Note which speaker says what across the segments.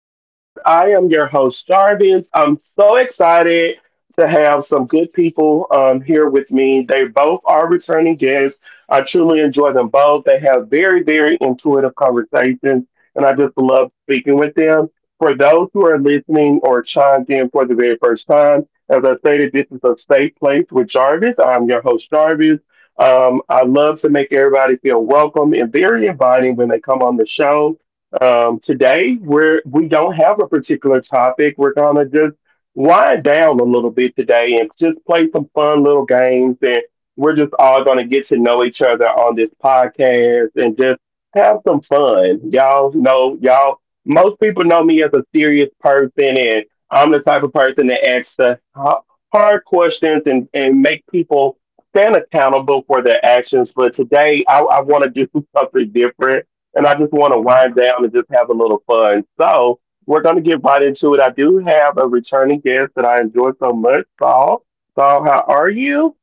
Speaker 1: Jarvis. I am your host, Jarvis. I'm so excited to have some good people here with me. They both are returning guests. I truly enjoy them both. They have very, very intuitive conversations, and I just love speaking with them. For those who are listening or chimed in for the very first time, as I stated, this is a safe place with Jarvis. I'm your host, Jarvis. I love to make everybody feel welcome and very inviting when they come on the show. Today we don't have a particular topic. We're gonna just wind down a little bit today and just play some fun little games, and we're just all gonna get to know each other on this podcast and just have some fun. Y'all know y'all Most people know me as a serious person, and I'm the type of person that asks the hard questions, and make people stand accountable for their actions. But today I wanna do something different, and I just want to wind down and just have a little fun. So we're going to get right into it. I do have a returning guest that I enjoy so much, Saul. Saul, how are you?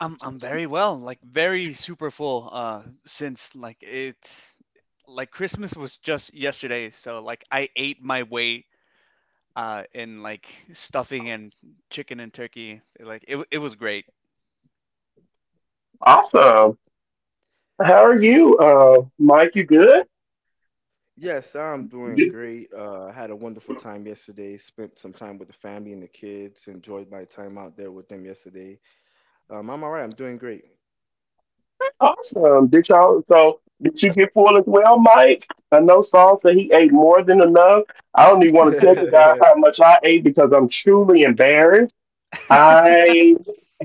Speaker 2: I'm very well, like very super full since like it's like Christmas was just yesterday, so like I ate my weight in like stuffing and chicken and turkey. Like it was great.
Speaker 1: Awesome. How are you, Mike? You good?
Speaker 3: Yes, I'm doing
Speaker 1: Good.
Speaker 3: great. I had a wonderful time yesterday. Spent some time with the family and the kids. Enjoyed my time out there with them yesterday. I'm all right. I'm doing great.
Speaker 1: Awesome. Did y'all? So did you get full as well, Mike? I know Saul said he ate more than enough. I don't even want to tell you guys how much I ate because I'm truly embarrassed. I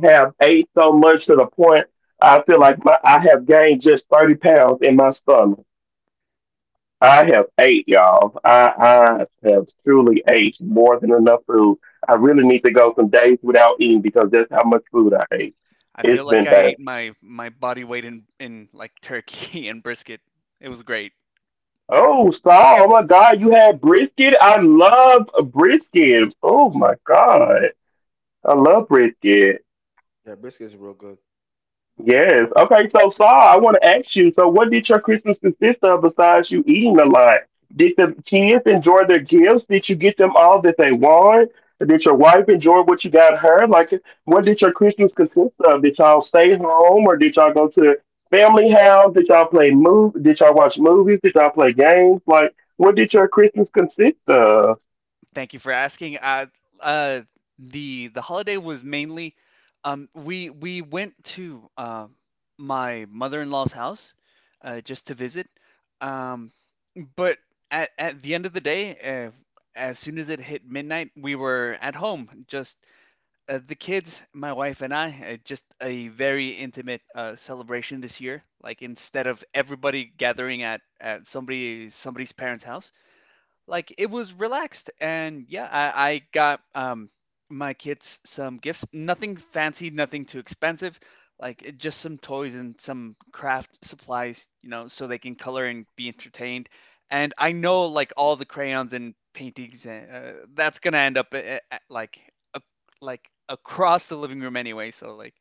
Speaker 1: have ate so much to the point I feel like I have gained just 30 pounds in my stomach. I have ate, y'all. I have truly ate more than enough food. I really need to go some days without eating because that's how much food I ate.
Speaker 2: I feel
Speaker 1: It's
Speaker 2: like
Speaker 1: been
Speaker 2: I
Speaker 1: bad.
Speaker 2: ate my body weight in like turkey and brisket. It was great.
Speaker 1: Oh, Saul, oh my God, you had brisket? I love brisket. Oh my God. I love brisket.
Speaker 3: Yeah, brisket's real good.
Speaker 1: Yes. Okay, so Saul, I want to ask you, so what did your Christmas consist of besides you eating a lot? Did the kids enjoy their gifts? Did you get them all that they want? Did your wife enjoy what you got her? Like, what did your Christmas consist of? Did y'all stay home, or did y'all go to family house? Did y'all play move? Did y'all watch movies? Did y'all play games? Like, what did your Christmas consist of?
Speaker 2: Thank you for asking. Uh, the holiday was mainly, we went to my mother-in-law's house, just to visit. Um, but at the end of the day, as soon as it hit midnight, we were at home, just the kids, my wife and I. Just a very intimate celebration this year. Like instead of everybody gathering at somebody's parents' house, like it was relaxed. And yeah, I got my kids some gifts, nothing fancy, nothing too expensive, like just some toys and some craft supplies, you know, so they can color and be entertained. And I know like all the crayons and paintings, that's gonna end up a, like across the living room anyway. So like,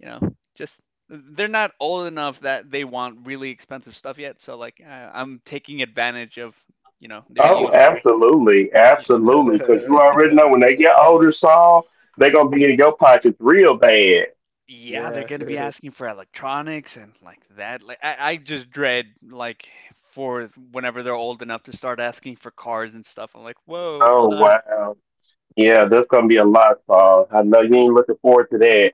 Speaker 2: you know, just they're not old enough that they want really expensive stuff yet, so like I'm taking advantage of, you know, their
Speaker 1: Oh,
Speaker 2: youth.
Speaker 1: absolutely,
Speaker 2: Yeah,
Speaker 1: absolutely. Because you already know when they get older, Saul, they're gonna be in your pockets real bad.
Speaker 2: yeah, they're
Speaker 3: Yeah.
Speaker 2: gonna be asking for electronics and like that. Like I just dread like for whenever they're old enough to start asking for cars and stuff. I'm like, whoa,
Speaker 1: Oh
Speaker 2: hold on.
Speaker 1: wow. Yeah, that's gonna be a lot, Paul. I know you ain't looking forward to that.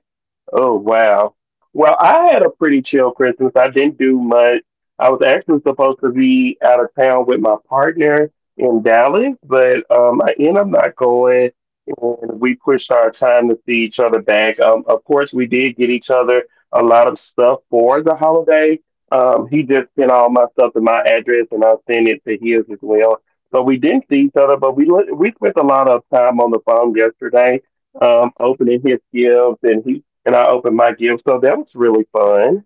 Speaker 1: Oh wow. Well, I had a pretty chill Christmas. I didn't do much. I was actually supposed to be out of town with my partner in Dallas, but I ended up not going, and we pushed our time to see each other back. Of course, we did get each other a lot of stuff for the holiday. He just sent all my stuff to my address, and I sent it to his as well. So we didn't see each other, but we spent a lot of time on the phone yesterday, opening his gifts, and he and I opened my gift, so that was really fun.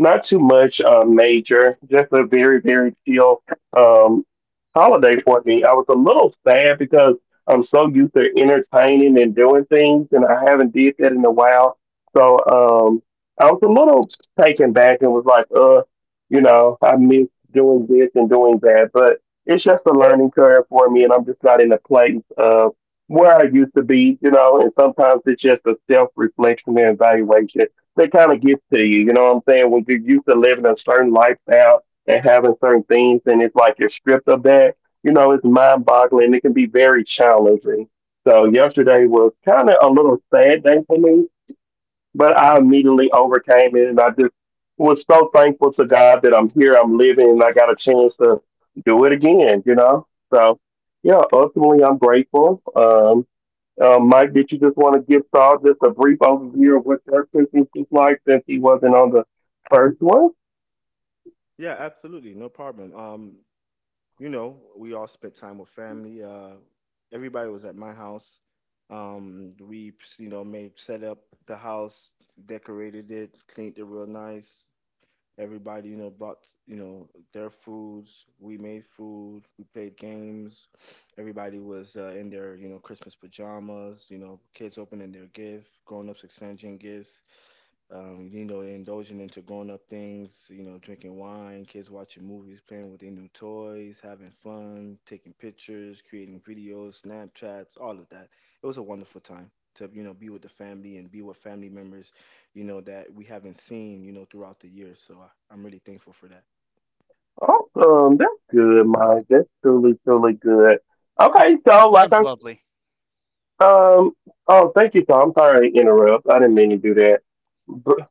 Speaker 1: Not too much major, just a very very chill um, holiday for me. I was a little sad because I'm so used to entertaining and doing things, and I haven't did that in a while. So I was a little taken back and was like, I miss doing this and doing that, but it's just a learning curve for me, and I'm just not in a place of where I used to be, you know. And sometimes it's just a self reflection and evaluation that kind of gets to you, you know what I'm saying? When you're used to living a certain lifestyle and having certain things, and it's like you're stripped of that, it's mind boggling. It can be very challenging. So yesterday was kind of a little sad day for me, but I immediately overcame it, and I just was so thankful to God that I'm here, I'm living, and I got a chance to do it again. So yeah, ultimately I'm grateful. Mike, did you just want to give Saul just a brief overview of what your Christmas is like since he wasn't on the first one?
Speaker 3: Yeah, absolutely. No problem. You know, we all spent time with family. Everybody was at my house. We, you know, made set up the house, decorated it, cleaned it real nice. Everybody, you know, brought, you know, their foods. We made food. We played games. Everybody was in their, you know, Christmas pajamas, you know, kids opening their gift, grown-ups exchanging gifts. You know, they're indulging into grown up things, you know, drinking wine, kids watching movies, playing with their new toys, having fun, taking pictures, creating videos, Snapchats, all of that. It was a wonderful time to, you know, be with the family and be with family members, you know, that we haven't seen, you know, throughout the year. So I'm really thankful for that.
Speaker 1: Awesome. That's good, Mike. That's truly, truly good. Okay,
Speaker 2: It's
Speaker 1: so
Speaker 2: it
Speaker 1: like
Speaker 2: sounds
Speaker 1: I,
Speaker 2: lovely.
Speaker 1: um oh, thank you, Tom. I'm sorry to interrupt. I didn't mean to do that. But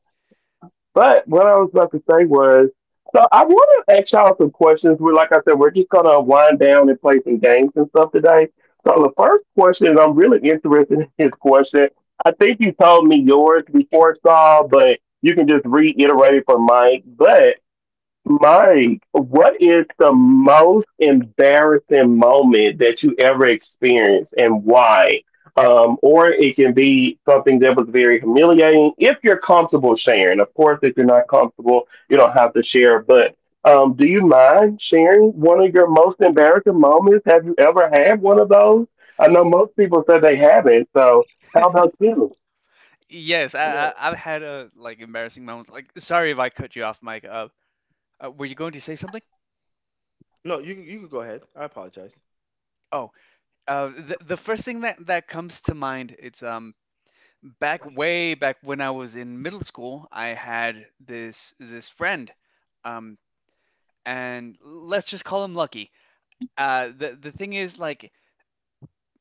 Speaker 1: what I was about to say was, so I want to ask y'all some questions. We're Like I said, we're just gonna wind down and play some games and stuff today. So the first question, and I'm really interested in this question. I think you told me yours before, Saul, but you can just reiterate it for Mike. But Mike, what is the most embarrassing moment that you ever experienced, and why? Or it can be something that was very humiliating if you're comfortable sharing. Of course, if you're not comfortable, you don't have to share. But do you mind sharing one of your most embarrassing moments? Have you ever had one of those? I know most people said they haven't. So how about you?
Speaker 2: Yes, I,
Speaker 3: Yeah.
Speaker 2: I I've had a like embarrassing moments. Like, sorry if I cut you off, Mike. Uh, were you going to say something?
Speaker 3: No, you could go ahead. I apologize.
Speaker 2: Oh, the first thing that comes to mind, it's back way back when I was in middle school, I had this friend, um, and let's just call him Lucky. The thing is, like,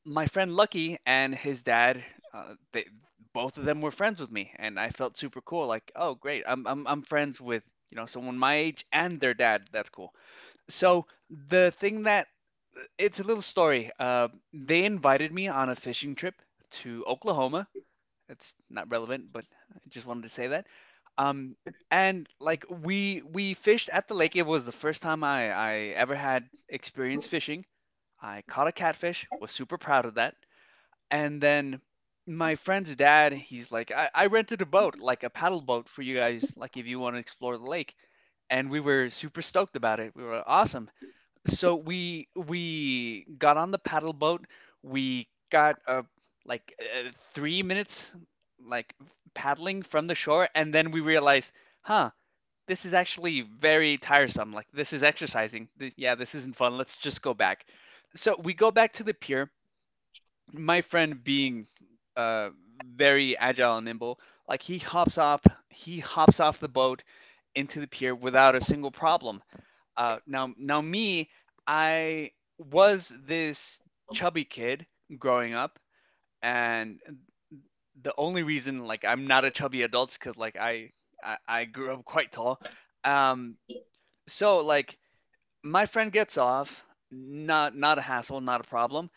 Speaker 2: my friend Lucky and his dad, they both of them were friends with me, and I felt super cool. Like, oh, great, I'm friends with, you know, someone my age and their dad. That's cool. So the thing that, it's a little story. They invited me on a fishing trip to Oklahoma. It's not relevant, but I just wanted to say that. Um, and like we fished at the lake. It was the first time I ever had experience fishing. I caught a catfish, was super proud of that. And then my friend's dad, he's like, I rented a boat, like a paddle boat for you guys, like if you want to explore the lake. And we were super stoked about it. We were awesome. So we got on the paddle boat. We got 3 minutes like paddling from the shore, and then we realized, huh, this is actually very tiresome. Like, this is exercising. This, yeah, this isn't fun. Let's just go back. So we go back to the pier. My friend, being uh, very agile and nimble, like he hops off the boat into the pier without a single problem. Now me, I was this chubby kid growing up, and the only reason like I'm not a chubby adult is because like I grew up quite tall. Um, so like my friend gets off, not a hassle, not a problem.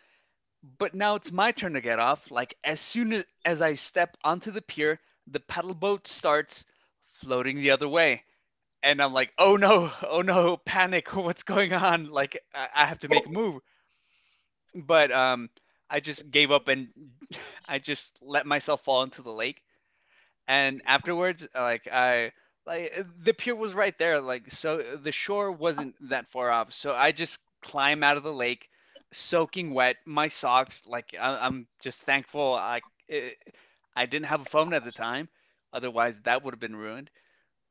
Speaker 2: But now it's my turn to get off. Like as I step onto the pier, the paddle boat starts floating the other way. And I'm like, oh no, oh no, panic, what's going on? Like I have to make a move. But I just gave up and I just let myself fall into the lake. And afterwards like I like the pier was right there, like, so the shore wasn't that far off, so I just climb out of the lake soaking wet, my socks, like I'm just thankful it, I didn't have a phone at the time, otherwise that would have been ruined.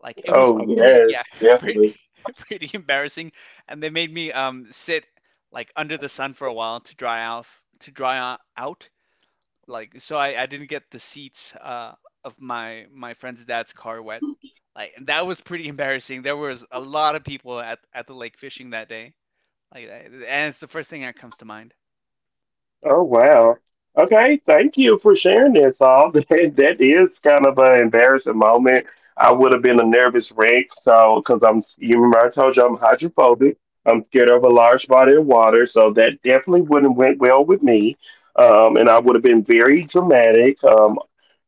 Speaker 2: Like it was
Speaker 1: Oh,
Speaker 2: pretty, yeah,
Speaker 1: yes, yes.
Speaker 2: pretty pretty embarrassing. And they made me sit like under the sun for a while to dry off, to dry out, like, so I didn't get the seats of my friend's dad's car wet. Like, and that was pretty embarrassing. There was a lot of people at the lake fishing that day. Like, I- and it's the first thing that comes to mind.
Speaker 1: Oh wow. Okay, thank you for sharing this. All That is kind of an embarrassing moment. I would have been a nervous wreck, so because you remember I told you I'm hydrophobic. I'm scared of a large body of water, so that definitely wouldn't went well with me. And I would have been very dramatic,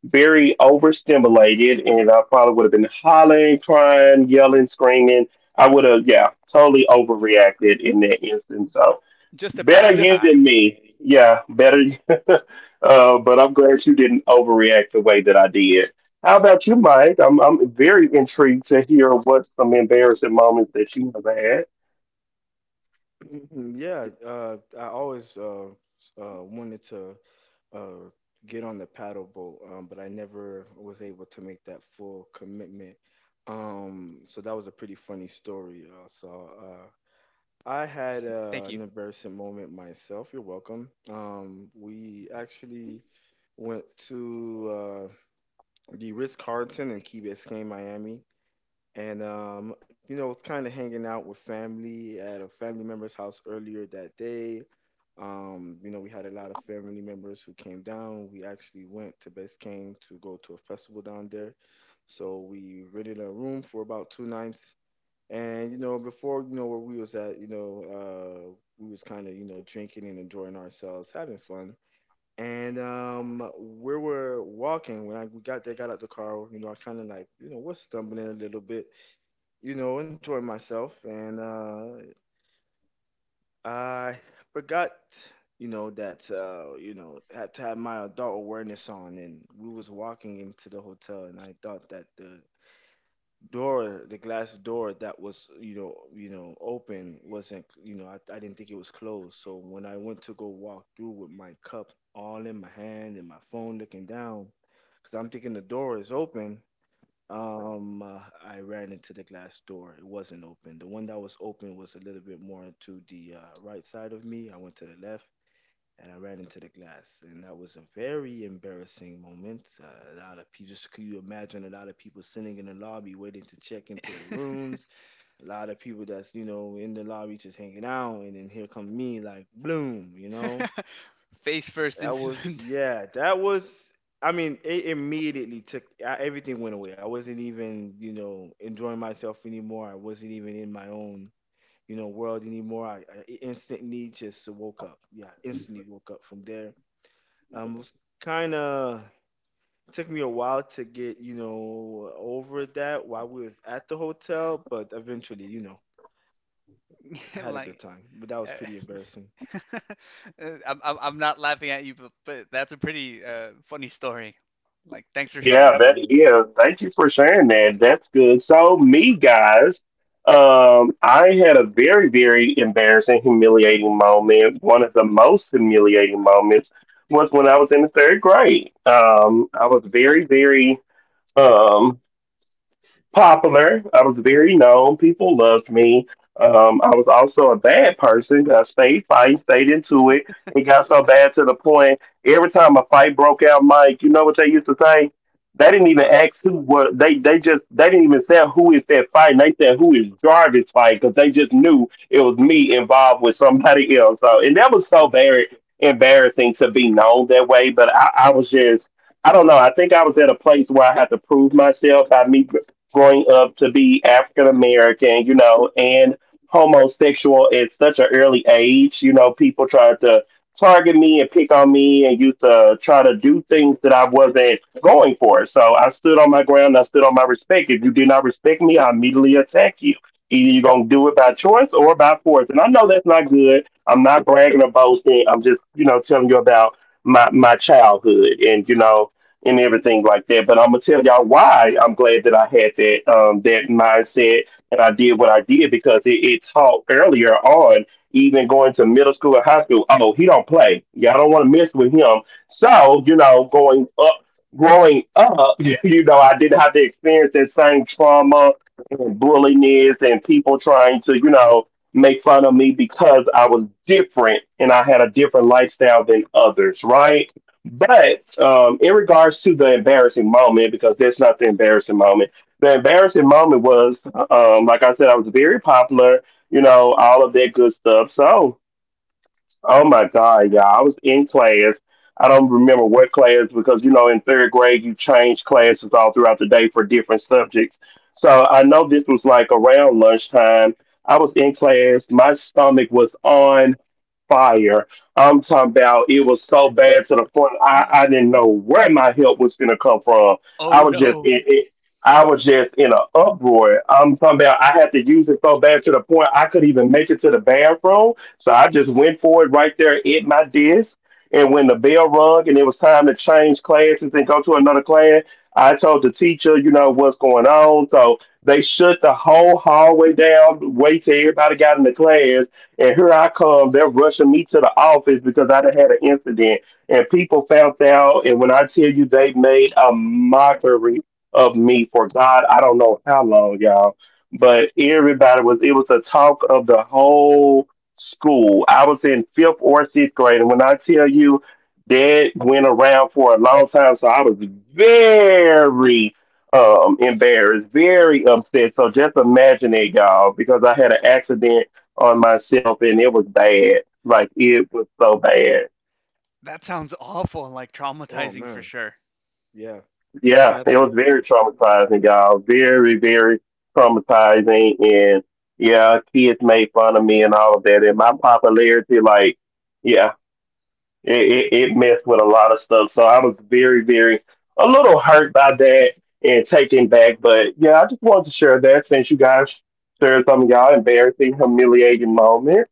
Speaker 1: very overstimulated, and I probably would have been hollering, crying, yelling, screaming. I would have, yeah, totally overreacted in that instance. So.
Speaker 2: Just a bad
Speaker 1: Better you
Speaker 2: time.
Speaker 1: than me. Yeah, better. But I'm glad you didn't overreact the way that I did. How about you, Mike? I'm very intrigued to hear what some embarrassing moments that you have had.
Speaker 3: Mhm. Yeah, I always wanted to uh, get on the paddle boat, but I never was able to make that full commitment. So that was a pretty funny story. I had
Speaker 2: Thank you.
Speaker 3: an embarrassing moment myself. You're welcome. We actually went to the Ritz Carlton in Key Biscayne, Miami and you know, kind of hanging out with family at a family member's house earlier that day. You know, we had a lot of family members who came down. We actually went to Biscayne to go to a festival down there. So we rented a room for about two nights. And you know, before you know where we was at, you know, we was kind of you know drinking and enjoying ourselves, having fun. And we were walking when I we got there, got out the car. You know, I kind of like you know was stumbling a little bit you know, enjoy myself. And I forgot, you know, that, you know, had to have my adult awareness on. And we was walking into the hotel and I thought that the door, the glass door that was, you know, open wasn't, you know, I didn't think it was closed. So when I went to go walk through with my cup all in my hand and my phone looking down, because I'm thinking the door is open um, uh, I ran into the glass door. It wasn't open. The one that was open was a little bit more to the right side of me. I went to the left and I ran into the glass, and that was a very embarrassing moment. A lot of people, just could you imagine a lot of people sitting in the lobby waiting to check into their rooms. A lot of people that's you know in the lobby just hanging out, and then here come me like bloom, you know.
Speaker 2: Face first
Speaker 3: That
Speaker 2: into
Speaker 3: was
Speaker 2: the
Speaker 3: yeah. That was. I mean, it immediately took everything went away. I wasn't even you know enjoying myself anymore. I wasn't even in my own you know world anymore. I instantly just woke up. Yeah, instantly woke up from there. It was kind of took me a while to get you know over that while we was at the hotel, but eventually you know I had a
Speaker 2: like.
Speaker 3: good time. But that
Speaker 2: uh,
Speaker 3: was pretty embarrassing.
Speaker 2: uh, I'm not laughing at you, but that's a pretty funny story. Like, thanks for sharing.
Speaker 1: Yeah, that
Speaker 3: Yeah,
Speaker 1: is. Thank you for sharing that. That's good. So, me guys, I had a very very embarrassing, humiliating moment. One of the most humiliating moments was when I was in the third grade. I was very, very. um popular. I was very known. People loved me. I was also a bad person. I stayed fighting, stayed into it. It got so bad to the point every time a fight broke out, Mike, you know what they used to say? They didn't even
Speaker 3: but
Speaker 1: ask who was. They just they didn't even say who is that fighting. They said who is Jarvis fighting, because they just knew it was me involved with somebody else. So and that was so very embarrassing to be known that way. But I was just, I don't know. I think I was at a place where I had to prove myself by me growing up to be African American, and homosexual at such an early age. People tried to target me and pick on me and used to try to do things that I wasn't going for. So I stood on my ground, I stood on my respect. If you did not respect me, I immediately attack you. Either you're gonna do it by choice or by force. And I know that's not good. I'm not bragging or boasting. I'm just, telling you about my childhood and everything like that. But I'm gonna tell y'all why I'm glad that I had that mindset, and I did what I did because it taught earlier on, even going to middle school and high school. Oh, he don't play. Y'all don't want to mess with him. So, growing up, I didn't have to experience that same trauma and bulliness and people trying to make fun of me because I was different, and I had a different lifestyle than others, right? But in regards to the embarrassing moment, because that's not the embarrassing moment, the embarrassing moment was, like I said, I was very popular, all of that good stuff. So, oh my God, y'all. I was in class. I don't remember what class because, in third grade, you change classes all throughout the day for different subjects. So I know this was like around lunchtime. I was in class. My stomach was on fire. I'm talking about it was so bad to the point I didn't know where my help was going to come from.
Speaker 2: Oh
Speaker 1: I was just
Speaker 2: no,
Speaker 1: in it. I was just in an uproar. I'm talking about I had to use it so bad to the point I could even make it to the bathroom, so I just went for it right there at my desk. And when the bell rung and it was time to change classes and go to another class, I told the teacher, you know, what's going on. So they shut the whole hallway down, wait till everybody got in the class. And here I come. They're rushing me to the office because I done had an incident. And people found out. And when I tell you they made a mockery of me for God, I don't know how long, y'all. But everybody was, it was a talk of the whole school. I was in fifth or sixth grade, and when I tell you that went around for a long time, so I was very embarrassed, very upset. So just imagine it, y'all, because I had an accident on myself, and it was bad. Like it was so bad.
Speaker 2: that sounds awful, like
Speaker 3: oh
Speaker 2: traumatizing
Speaker 3: man,
Speaker 2: for sure.
Speaker 3: yeah,
Speaker 1: Yeah, it was very
Speaker 3: absolutely.
Speaker 1: traumatizing, y'all. Very, very traumatizing, and yeah, kids made fun of me and all of that, and my popularity, like. Yeah. it, it messed with a lot of stuff. So I was very, very a little hurt by that and taken back. But yeah, I just wanted to share that since you guys shared some of y'all embarrassing, humiliating moments.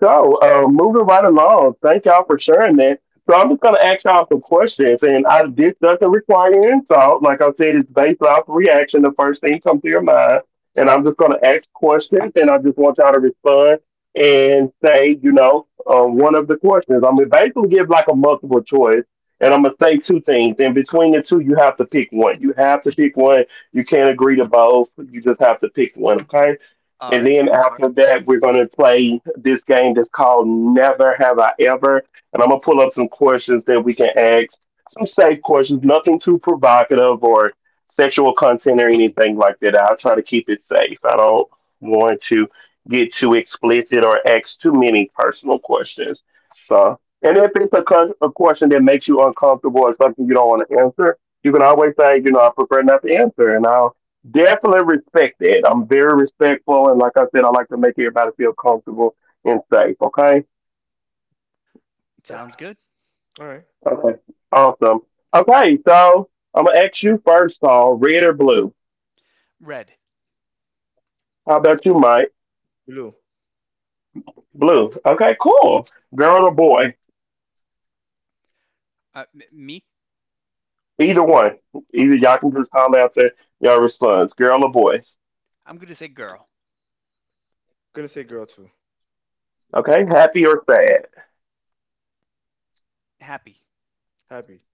Speaker 1: So, moving right along, thank y'all for sharing that. So, I'm just going to ask y'all some questions, and I, this doesn't require any insult. Like I said, it's based off reaction, the first thing comes to your mind. And I'm just going to ask questions, and I just want y'all to respond and say, you know, one of the questions. I'm going to basically give like a multiple choice, and I'm going to say two things. And between the two, you have to pick one. You have to pick one. You can't agree to both. You just have to pick one, okay?
Speaker 2: All
Speaker 1: And
Speaker 2: right.
Speaker 1: then after that, we're going to play this game that's called Never Have I Ever. And I'm going to pull up some questions that we can ask, some safe questions, nothing too provocative or sexual content or anything like that. I'll try to keep it safe. I don't want to get too explicit or ask too many personal questions. So, and if it's a, a question that makes you uncomfortable or something you don't want to answer, you can always say, you know, I prefer not to answer, and I'll definitely respect that. I'm very respectful, and like I said, I like to make everybody feel comfortable and safe. Okay.
Speaker 2: Sounds good.
Speaker 3: All right.
Speaker 1: Okay. Awesome. Okay, so I'm gonna ask you first, all red or blue?
Speaker 2: Red.
Speaker 1: How about you, Mike?
Speaker 3: Blue.
Speaker 1: Blue. Okay, cool. Girl or boy?
Speaker 2: Me?
Speaker 1: Either one.
Speaker 2: Oh,
Speaker 1: Either y'all can just holler out there y'all response. Girl or boy?
Speaker 2: I'm gonna say girl.
Speaker 3: Gonna say girl too.
Speaker 1: Okay. Happy or sad?
Speaker 2: Happy.
Speaker 3: Happy.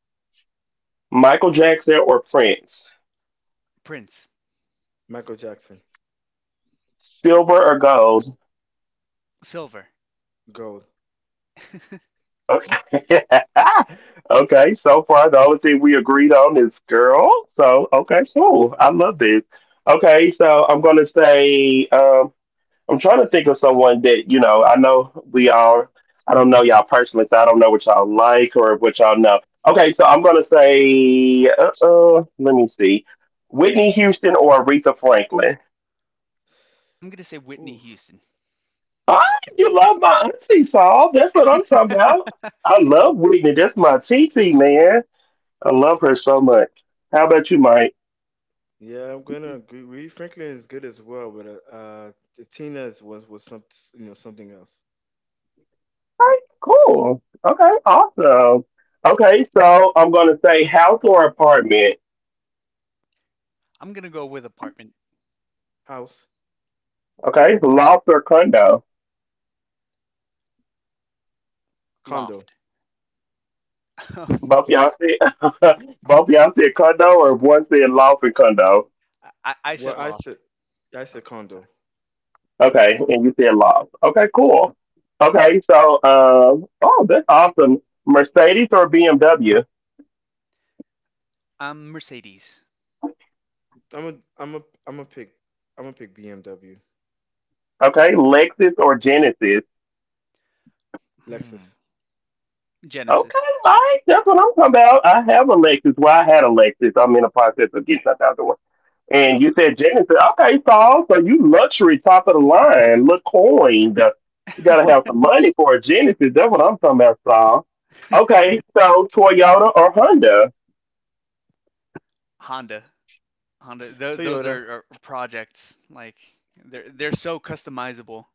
Speaker 1: Michael Jackson or Prince?
Speaker 2: Prince.
Speaker 3: Michael Jackson.
Speaker 1: Silver or gold?
Speaker 2: Silver.
Speaker 3: Gold.
Speaker 1: Okay. okay. So far, the only thing we agreed on is girl. So, okay, cool. I love this. Okay. So, I'm going to say, I'm trying to think of someone that, you know, I know we all, I don't know y'all personally, so I don't know what y'all like or what y'all know. Okay. So, I'm going to say, let me see, Whitney Houston or Aretha Franklin.
Speaker 2: I'm gonna say Whitney
Speaker 3: Ooh.
Speaker 2: Houston.
Speaker 1: Ah, you love my auntie, Saul. That's what I'm talking about. I love Whitney. That's my T T man. I love her so much. How about you, Mike?
Speaker 3: Yeah, I'm gonna agree. Rita Franklin is good as well, but the Tina's was some you know something else.
Speaker 1: All right, cool. Okay, awesome. Okay, so I'm gonna say house or apartment.
Speaker 2: I'm gonna go with apartment.
Speaker 3: House.
Speaker 1: Okay, loft or condo.
Speaker 3: Condo.
Speaker 2: Loft. I,
Speaker 1: Both y'all said both y'all said condo or one said loft and condo.
Speaker 2: I
Speaker 3: Well,
Speaker 2: said loft.
Speaker 3: I
Speaker 2: Oh,
Speaker 3: said condo.
Speaker 2: sorry.
Speaker 1: Okay, and you said loft. Okay, cool. Okay, so um oh that's awesome. Mercedes or BMW?
Speaker 2: Mercedes.
Speaker 3: I'm a I'm a I'm a pick I'm gonna pick BMW.
Speaker 1: Okay, Lexus or Genesis?
Speaker 2: Hmm.
Speaker 3: Lexus.
Speaker 1: Okay,
Speaker 2: Genesis.
Speaker 1: all right, that's what I'm talking about. I have a Lexus. Well, I had a Lexus. I'm in the process of getting that out the way. And you said Genesis. Okay, Saul, so you luxury, top of the line, look coined. You gotta have some money for a Genesis. That's what I'm talking about, Saul. Okay, so Toyota or Honda.
Speaker 2: Honda. Honda. Those
Speaker 3: Toyota.
Speaker 2: are projects. Like they're so customizable.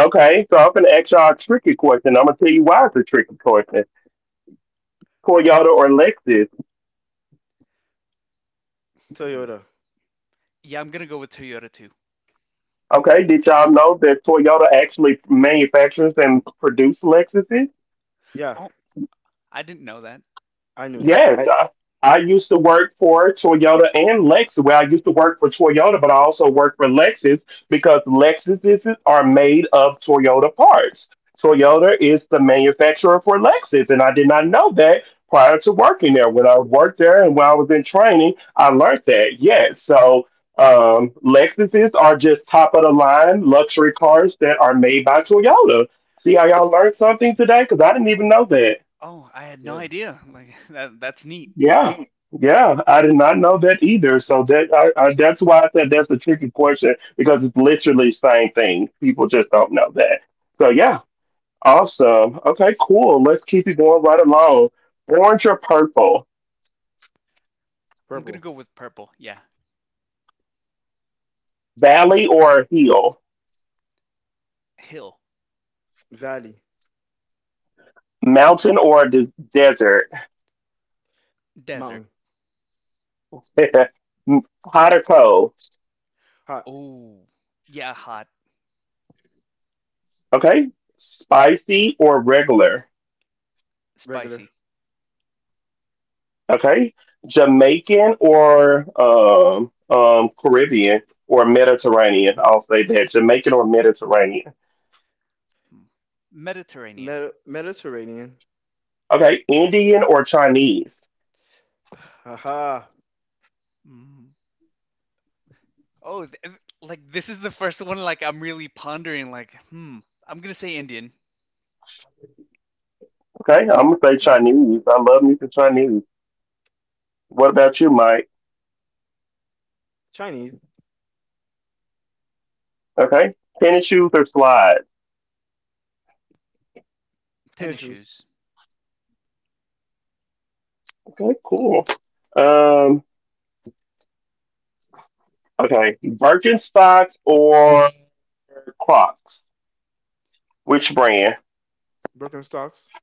Speaker 1: Okay, so I'm gonna ask y'all a tricky question. I'm gonna tell you why it's a tricky question. Toyota or Lexus.
Speaker 2: Hmm.
Speaker 3: Toyota.
Speaker 2: Yeah, I'm gonna go with Toyota too.
Speaker 1: Okay, did y'all know that Toyota actually manufactures and produce Lexuses?
Speaker 3: Yeah,
Speaker 2: Oh, I didn't know that.
Speaker 3: I knew that.
Speaker 1: Yes, I used to work for Toyota and Lexus. Well, I used to work for Toyota, but I also worked for Lexus because Lexuses are made of Toyota parts. Toyota is the manufacturer for Lexus, and I did not know that prior to working there. When I worked there and when I was in training, I learned that. Yes, so Lexuses are just top of the line luxury cars that are made by Toyota. See how y'all learned something today? Because I didn't even know that.
Speaker 2: Oh, I had no
Speaker 3: Yeah.
Speaker 2: idea. Like that that's neat.
Speaker 1: Yeah, yeah, I did not know that either. So that that's why I said that's a tricky portion because it's literally the same thing. People just don't know that. So yeah, awesome. Okay, cool. Let's keep it going right along. Orange or purple?
Speaker 2: I'm gonna
Speaker 3: Purple.
Speaker 2: go with purple. Yeah,
Speaker 1: Valley or hill?
Speaker 2: hill,
Speaker 3: Valley.
Speaker 1: Mountain or des- desert?
Speaker 2: desert.
Speaker 3: Mountain.
Speaker 1: Hot or cold?
Speaker 3: Hot.
Speaker 2: Oh, yeah, hot,
Speaker 1: Okay, spicy or regular?
Speaker 3: Regular.
Speaker 2: spicy.
Speaker 1: Okay, Jamaican or Caribbean or Mediterranean. I'll say that Jamaican or Mediterranean.
Speaker 2: Mm. Mediterranean.
Speaker 3: Mediterranean.
Speaker 1: Okay, Indian or Chinese.
Speaker 3: Haha.
Speaker 2: Mm. Oh, like this is the first one. Like I'm really pondering. Like, hmm, I'm gonna say Indian,
Speaker 1: Okay, I'm gonna say Chinese. I love me some Chinese. What about you, Mike?
Speaker 3: Chinese.
Speaker 1: Okay, tennis shoes or slides.
Speaker 2: tennis
Speaker 3: Issues,
Speaker 2: shoes.
Speaker 1: Okay, cool. Um, okay, Birkenstocks or Crocs. Which brand?
Speaker 3: broken stocks.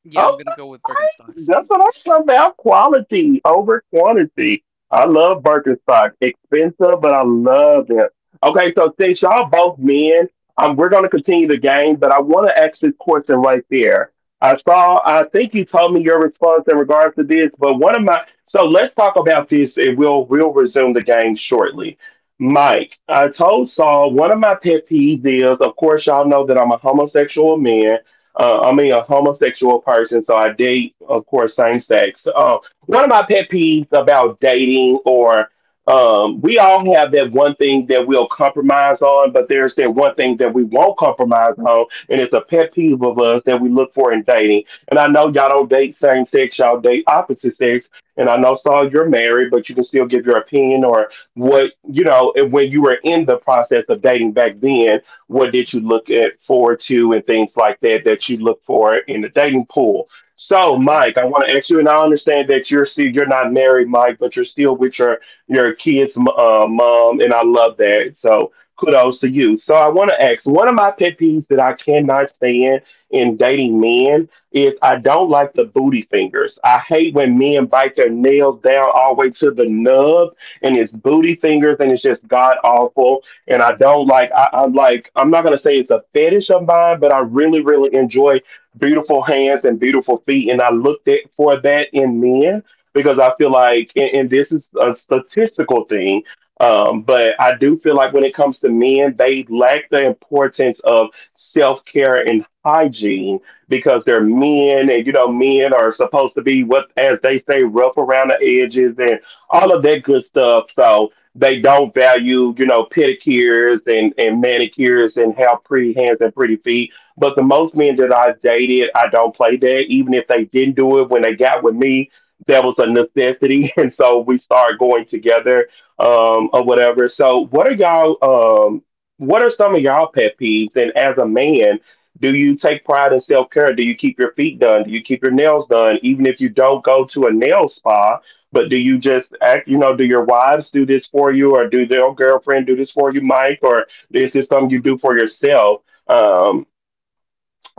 Speaker 2: Yeah, I'm
Speaker 1: Oh,
Speaker 2: gonna go with Birkenstocks.
Speaker 1: that's what I said about quality over quantity. I love Birkenstock. Expensive, but I love them. Okay, so since y'all both men, we're going to continue the game, but I want to ask this question right there. I saw, I think you told me your response in regards to this, but one of my, so let's talk about this and we'll resume the game shortly. Mike, I told Saul one of my pet peeves is, of course, y'all know that I'm a homosexual man I mean, a homosexual person, so I date, of course, same sex. One of my pet peeves about dating, or we all have that one thing that we'll compromise on, but there's that one thing that we won't compromise on, and it's a pet peeve of us that we look for in dating. And I know y'all don't date same sex, y'all date opposite sex. And I know, Saul, you're married, but you can still give your opinion or what, you know, and when you were in the process of dating back then. What did you look at forward to and things like that that you look for in the dating pool? So,
Speaker 2: Sure thing.
Speaker 1: Mike, I want to ask you, and I understand that you're still you're not married, Mike, but you're still with your kids' mom, and I love that. So, kudos to you. So, I want to ask one of my pet peeves that I cannot stand in dating men is I don't like the booty fingers. I hate when men bite their nails down all the way to the nub and it's booty fingers and it's just god awful and I don't like I'm like I'm not gonna say it's a fetish of mine, but I really, really enjoy beautiful hands and beautiful feet. And I looked at for that in men because I feel like and this is a statistical thing. But I do feel like when it comes to men, they lack the importance of self care and hygiene because they're men, and you know, men are supposed to be what, as they say, rough around the edges and all of that good stuff. So, they don't value, you know, pedicures and manicures and how pretty hands and pretty feet. But the most men that I dated, I don't play that. Even if they didn't do it when they got with me, that was a necessity. And so we started going together, or whatever. So what are y'all what are some of y'all pet peeves? And as a man, do you take pride in self care? Do you keep your feet done? Do you keep your nails done? Even if you don't go to a nail spa, but do you just act, you know, do your wives do this for you or do their girlfriend do this for you, Mike? Or is this something you do for yourself? Um.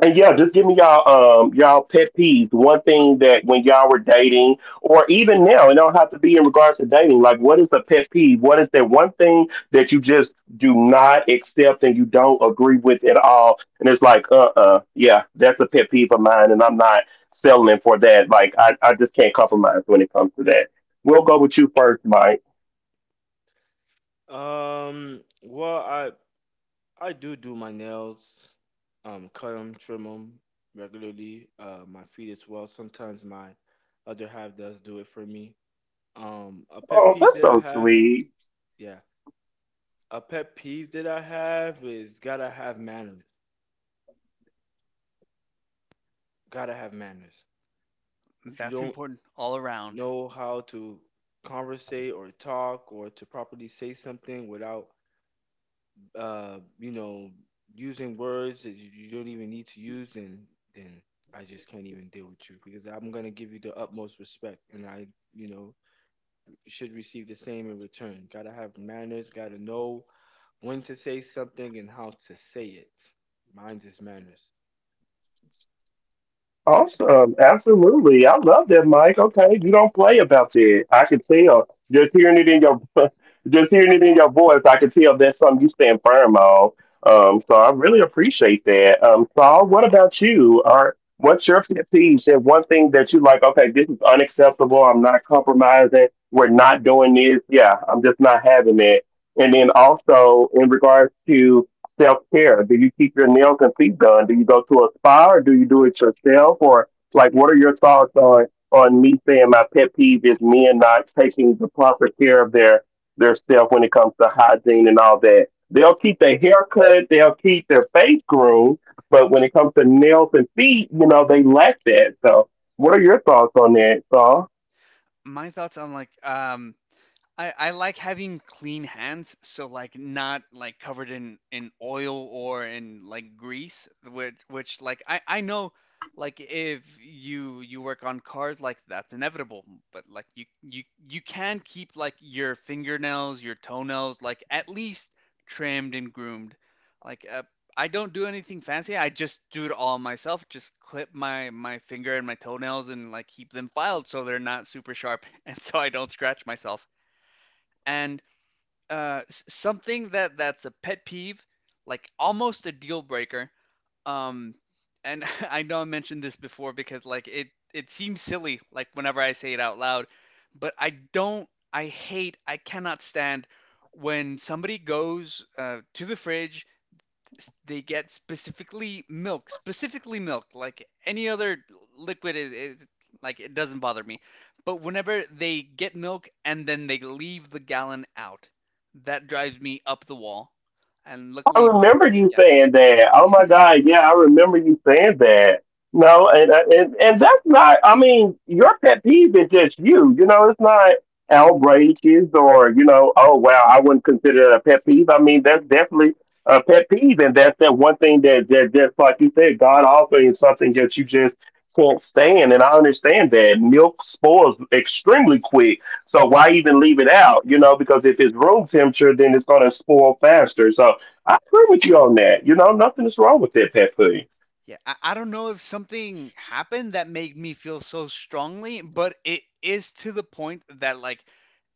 Speaker 1: And yeah, just give me y'all y'all pet peeves. One thing that when y'all were dating, or even now, it don't have to be in regards to dating. Like, what is a pet peeve? What is that one thing that you just do not accept and you don't agree with at all? And it's like, yeah, that's a pet peeve of mine, and I'm not settling for that. Like, I just can't compromise when it comes to that. We'll go with you first, Mike.
Speaker 3: Well, I do do my nails, cut them, trim them regularly. My feet as well. Sometimes my other half does do it for me. A pet
Speaker 1: Oh,
Speaker 3: peeve
Speaker 1: that's
Speaker 3: that I
Speaker 1: so
Speaker 3: have,
Speaker 1: sweet.
Speaker 3: yeah, a pet peeve that I have is gotta have manners. Gotta have manners. If you
Speaker 2: That's
Speaker 3: don't
Speaker 2: important all around.
Speaker 3: know how to conversate or talk or to properly say something without you know, using words that you don't even need to use, then then I just can't even deal with you because I'm gonna give you the utmost respect, and you know, should receive the same in return. Gotta have manners. Gotta know when to say something and how to say it. Mine's is manners.
Speaker 1: Awesome. Absolutely. I love that, Mike. Okay. You don't play about that. I can tell. Just hearing it in your just hearing it in your voice, I can tell that's something you stand firm on. So I really appreciate that. Saul, what about you? Are What's your pet peeve? And one thing that you like, okay, this is unacceptable, I'm not compromising, we're not doing this, yeah, I'm just not having it. And then also in regards to self care? Do you keep your nails and feet done? Do you go to a spa or do you do it yourself? Or like, what are your thoughts on me saying my pet peeve is men not taking the proper care of their self when it comes to hygiene and all that? They'll keep their haircut, they'll keep their face groomed, but when it comes to nails and feet, you know they lack that. So, what are your thoughts on that, Saul?
Speaker 2: My thoughts on like I like having clean hands, so like not like covered in oil or in like grease, which like I know like if you work on cars like that's inevitable, but like you can keep like your fingernails, your toenails like at least trimmed and groomed. Like I don't do anything fancy. I just do it all myself. Just clip my finger and my toenails and like keep them filed so they're not super sharp and so I don't scratch myself. And something that's a pet peeve, like almost a deal breaker. Um, and I know I mentioned this before because like it seems silly like whenever I say it out loud, but I don't. I hate. I cannot stand when somebody goes to the fridge they get specifically milk, specifically milk. Like any other liquid, like it doesn't bother me. But whenever they get milk and then they leave the gallon out, that drives me up the wall. And
Speaker 1: I
Speaker 2: luckily,
Speaker 1: remember you saying that. Oh my God, yeah, I remember you saying that. No, and and that's not. I mean, your pet peeve is just you. You know, it's not outrageous or you know. Oh wow, I wouldn't consider it a pet peeve. I mean, that's definitely a pet peeve, and that's that one thing that just like you said, God offering something that you just can't stand. And I understand that milk spoils extremely quick. So why even leave it out? You know, because if it's room temperature, then it's going to spoil faster. So I agree with you on that. You know, nothing is wrong with that pet pudding.
Speaker 2: yeah, I don't know if something happened that made me feel so strongly, but it is to the point that like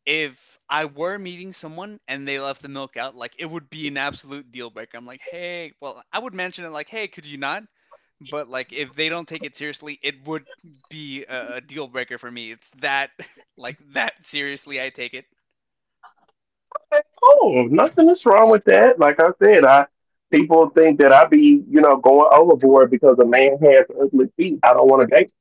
Speaker 2: if I were meeting someone and they left the milk out, like it would be an absolute deal breaker. I'm like, hey, well, I would mention it like, hey, could you not? But like if they don't take it seriously, it would be a deal breaker for me. It's that like that seriously I take it.
Speaker 1: Oh, nothing is wrong with that. Like I said, I people think that I be, you know, going overboard because a man has ugly feet. I don't want to date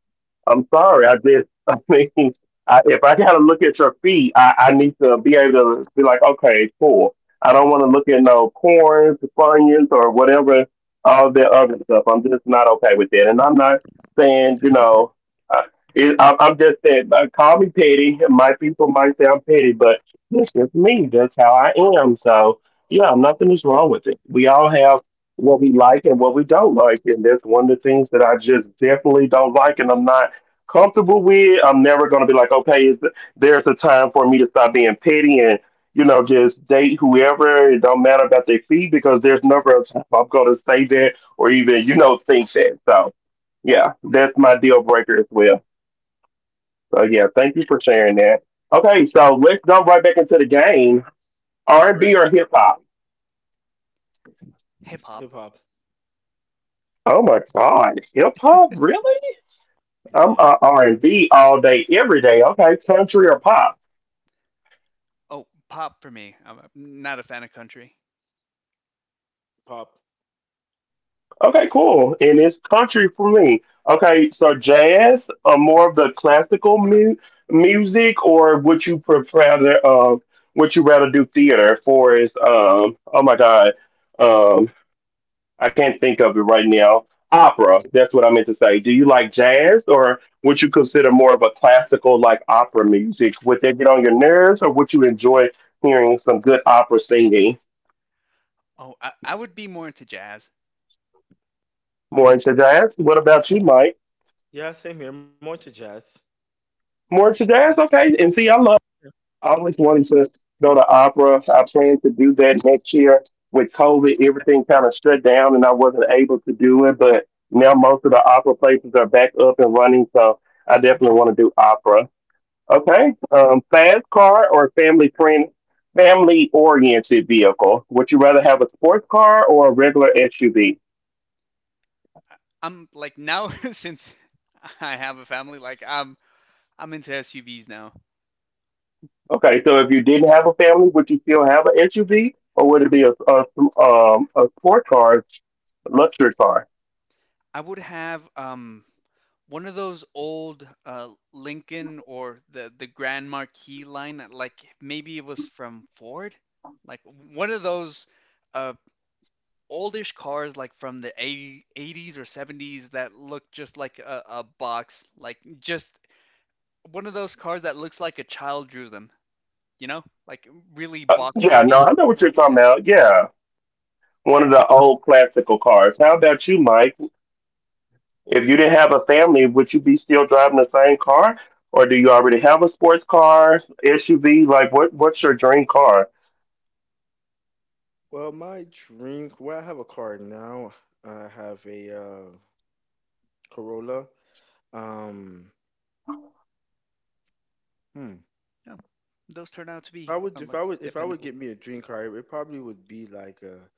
Speaker 1: I'm sorry. I just, I mean, I, if I gotta look at your feet, I need to be able to be like, okay, cool. I don't want to look at no corns, bunions, or whatever, all the other stuff. I'm just not okay with that. And I'm not saying, you know, uh, I'm just saying, call me petty. My people might say I'm petty, but this is me. That's how I am. So, yeah, nothing is wrong with it. We all have what we like and what we don't like. And that's one of the things that I just definitely don't like. And I'm not comfortable with. I'm never going to be like, okay, is there's a time for me to stop being petty and you know just date whoever. It don't matter about their fee because there's number of time I'm going to say that or even you know think that. So yeah, that's my deal breaker as well. So yeah, thank you for sharing that. Okay, so let's jump right back into the game. R and
Speaker 2: All
Speaker 1: B
Speaker 2: right.
Speaker 1: or hip hop?
Speaker 2: Hip hop.
Speaker 3: Hip hop,
Speaker 1: Oh my God, hip hop really? I'm
Speaker 3: yeah,
Speaker 1: a R and B all day, every day. Okay, country or pop?
Speaker 2: Oh, pop for me. Not a fan of country.
Speaker 3: pop,
Speaker 1: Okay, cool. And it's country for me. Okay, so jazz, more of the classical music, or would you prefer would you rather do theater? For is oh my god, um, I can't think of it right now. Opera. That's what I meant to say. Do you like jazz, or would you consider more of a classical like opera music? Would that get on your nerves, or would you enjoy hearing some good opera singing?
Speaker 2: Oh, I would be more into jazz.
Speaker 1: More into jazz. What about you, Mike?
Speaker 3: yeah, same here. More to jazz.
Speaker 1: More to jazz, okay. And see, I love. I always wanted to go to opera. I plan to do that next year. With COVID, everything kind of shut down and I wasn't able to do it, but now most of the opera places are back up and running, so I definitely want to do opera. Okay. Fast car or family oriented vehicle? Would you rather have a sports car or a regular SUV?
Speaker 2: I'm like now since I have a family, like I'm into SUVs now.
Speaker 1: Okay, so if you didn't have a family, would you still have an SUV or would it be a sport car, luxury car?
Speaker 2: I would have one of those old Lincoln or the Grand Marquis line, like maybe it was from Ford, like one of those uh oldish cars like from the 80, 80s or 70s that look just like a box, like just one of those cars that looks like a child drew them, you know? Like really box
Speaker 1: Yeah, no,
Speaker 2: looking.
Speaker 1: I know what you're talking
Speaker 2: Yeah.
Speaker 1: about. Yeah, one of the old classical cars. How about you, Mike? If you didn't have a family, would you be still driving the same car, or do you already have a sports car, SUV? Like, what's your dream car?
Speaker 3: Well, my drink. Well, I have a car now. I have a Corolla. Um, hmm.
Speaker 2: Yeah, those turn out to be
Speaker 3: I would if
Speaker 2: like
Speaker 3: I would if I would
Speaker 2: dependable.
Speaker 3: get me a dream car, it probably would be like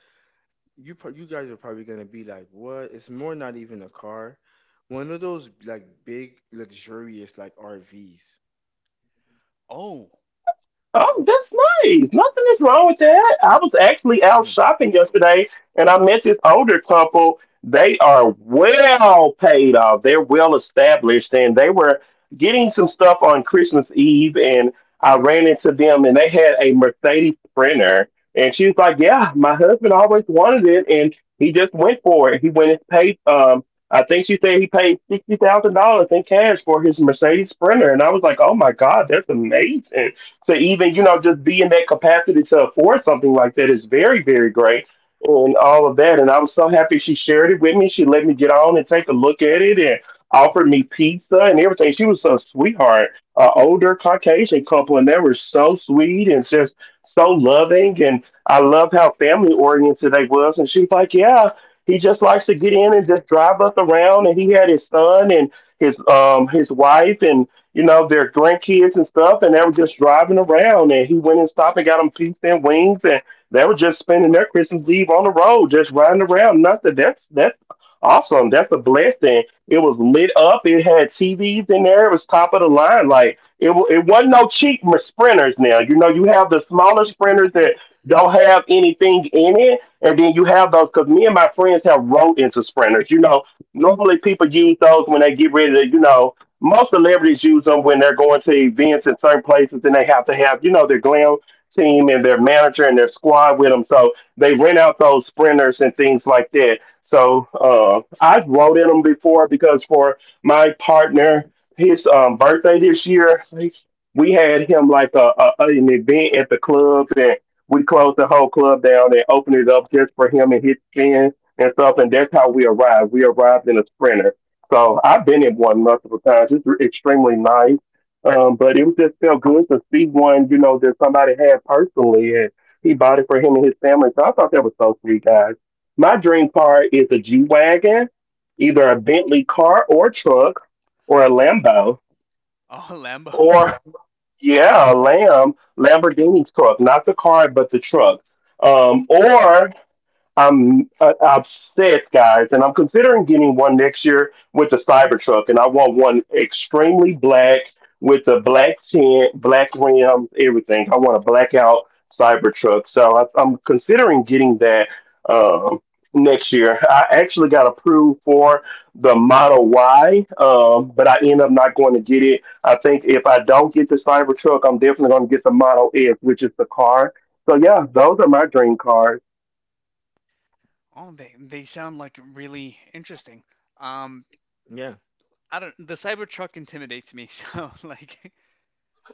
Speaker 3: you you guys are probably gonna be like what? It's more not even a car, one of those like big luxurious like RVs.
Speaker 2: Oh,
Speaker 1: Oh, that's nice. Nothing is wrong with that. I was actually out
Speaker 3: Yeah.
Speaker 1: shopping yesterday and I met this older couple. They are well paid off. They're well established and they were getting some stuff on Christmas Eve and I ran into them and they had a Mercedes Sprinter and she was like, "Yeah, my husband always wanted it and he just went for it." He went and paid I think she said he paid $60,000 in cash for his Mercedes Sprinter and I was like, "Oh my God, that's amazing." To even you know just be in that capacity to afford something like that is very very great and all of that, and I was so happy she shared it with me. She let me get on and take a look at it and offered me pizza and everything. She was a sweetheart, an older caucasian couple, and they were so sweet and just so loving, and I loved how family oriented they was. And she was like, yeah, he just likes to get in and just drive us around. And he had his son and his wife and you know, their grandkids and stuff, and they were just driving around. And he went and stopped and got them pizza and wings, and they were just spending their Christmas Eve on the road, just riding around. Nothing. That's awesome. That's a blessing. It was lit up. It had TVs in there. It was top of the line. Like it, it wasn't no cheap sprinters. Now you know you have the smaller sprinters that don't have anything in it, and then you have those because me and my friends have rode into sprinters. You know, normally people use those when they get ready to, you know most celebrities use them when they're going to events in certain places and they have to have, you know, their glam team and their manager and their squad with them. So they rent out those sprinters and things like that. So I've rode in them before because for my partner, his birthday this year, we had him like an event at the club and we closed the whole club down and opened it up just for him and his friends and stuff. And that's how we arrived. We arrived in a sprinter. So I've been in one multiple times. It's extremely nice. But it was just felt good to see one, you know, that somebody had personally and he bought it for him and his family. So I thought that was so sweet, guys. My dream car is a G Wagon, either a Bentley car or truck or a
Speaker 2: oh,
Speaker 1: Lambo
Speaker 2: Lambo.
Speaker 1: or yeah, a Lamborghini truck, not the car but the truck. Or I'm upset, guys, and I'm considering getting one next year with the Cybertruck, and I want one extremely black with the black tint, black rims, everything. I want a blackout Cybertruck, so I'm considering getting that um, next year. I actually got approved for the Model Y, but I end up not going to get it. I think if I don't get the Cybertruck, I'm definitely going to get the Model S, which is the car. So yeah, those are my dream cars.
Speaker 2: Oh, they sound like really interesting. Um,
Speaker 3: Yeah.
Speaker 2: I don't. The Cybertruck intimidates me, so like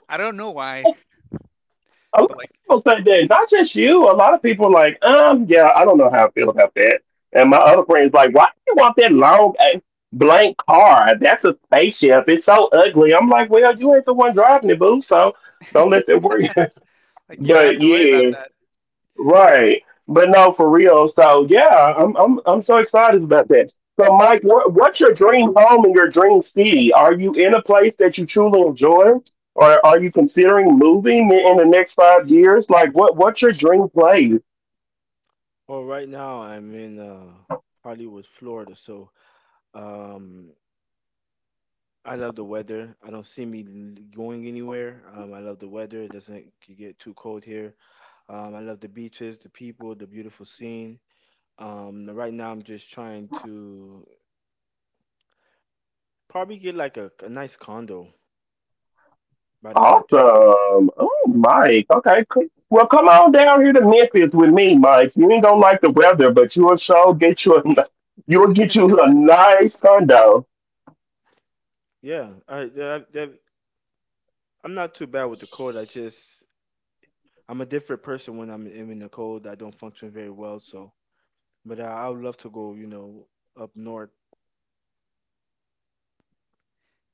Speaker 2: I don't know why,
Speaker 1: A lot
Speaker 2: but
Speaker 1: of people say that, not just you. A lot of people are like, yeah, I don't know how I feel about that. And my other friend's like, why do you want that long eh, blank car? That's a spaceship. It's so ugly. I'm like, well, you ain't the one driving it, boo. So don't let that worry.
Speaker 2: you don't have
Speaker 1: But
Speaker 2: to worry about
Speaker 1: yeah.
Speaker 2: that.
Speaker 1: Right. But no, for real. So yeah, I'm so excited about that. So Mike, what's your dream home and your dream city? Are you in a place that you truly enjoy? Or are you considering moving in the next 5 years? Like what's your dream place?
Speaker 3: Well, right now I'm in Hollywood, Florida, so um I love the weather. I don't see me going anywhere. I love the weather. It doesn't get too cold here. I love the beaches, the people, the beautiful scene. Right now I'm just trying to probably get like a nice condo by the beach.
Speaker 1: Awesome. Oh Mike. Okay. Cool. Well come on down here to Memphis with me, Mike. You ain't gonna like the weather, but you'll show get you a you'll get you a nice condo.
Speaker 3: I I'm not too bad with the cold. I'm a different person when I'm in the cold. I don't function very well. So, but I would love to go. You know, up north.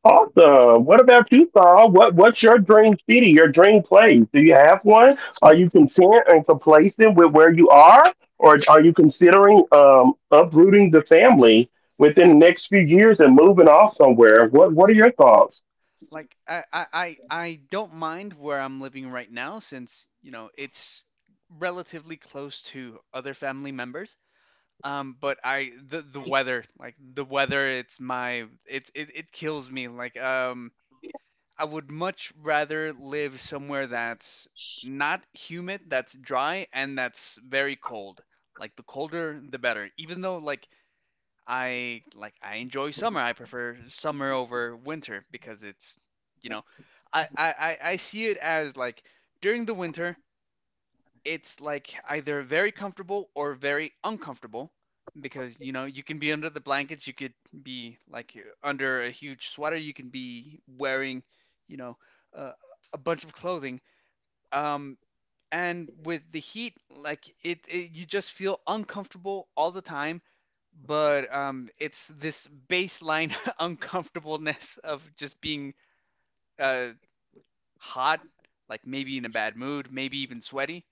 Speaker 1: Awesome. What about you, Saul? What's your dream city? Your dream place? Do you have one? Are you content and complacent with where you are, or are you considering uprooting the family within the next few years and moving off somewhere? What are your thoughts?
Speaker 2: Like I don't mind where I'm living right now since you know it's relatively close to other family members. But I the weather like the weather it's my it kills me like I would much rather live somewhere that's not humid, that's dry, and that's very cold. Like the colder, the better. Even though like I enjoy summer. I prefer summer over winter because it's you know I I, I I see it as like during the winter it's like either very comfortable or very uncomfortable because you know you can be under the blankets, you could be like under a huge sweater, you can be wearing, you know uh, a bunch of clothing um, and with the heat, like it you just feel uncomfortable all the time. But it's this baseline uncomfortableness of just being uh, hot, like maybe in a bad mood, maybe even sweaty,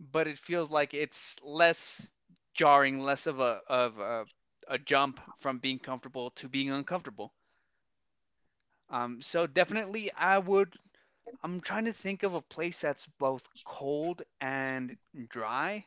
Speaker 2: but it feels like it's less jarring, less of a jump from being comfortable to being uncomfortable. So definitely, I would. I'm trying to think of a place that's both cold and dry.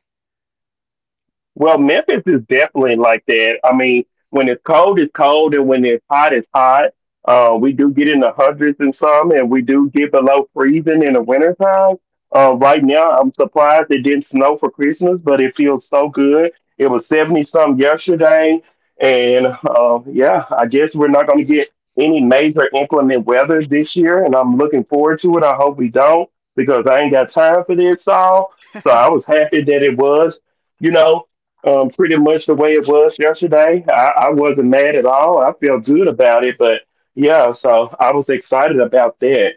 Speaker 1: Well, Memphis is definitely like that. I mean, when it's cold, and when it's hot, it's hot. We do get in the hundreds and some, and we do get below freezing in the wintertime. Right now, I'm surprised it didn't snow for Christmas, but it feels so good. It was 70 some yesterday, and yeah, I guess we're not going to get any major inclement weather this year, and I'm looking forward to it. I hope we don't because I ain't got time for this all. So I was happy that it was you know, pretty much the way it was yesterday. I wasn't mad at all. I feel good about it, but yeah, so I was excited about that.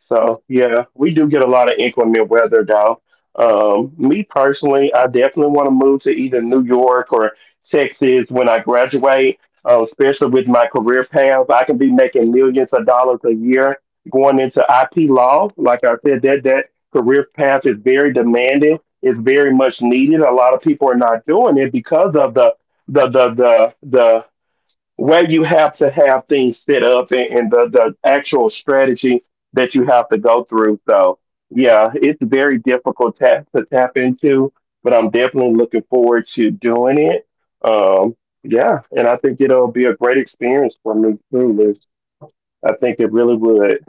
Speaker 1: So yeah, we do get a lot of inclement weather though. Me personally, I definitely want to move to either New York or Texas when I graduate. Especially with my career path, I can be making millions of dollars a year going into IP law. Like I said, that career path is very demanding, is very much needed. A lot of people are not doing it because of the way you have to have things set up, and the actual strategy that you have to go through. So yeah, it's very difficult to tap into, but I'm definitely looking forward to doing it. Um, yeah, and I think it'll be a great experience for me too, Liz. I think it really would.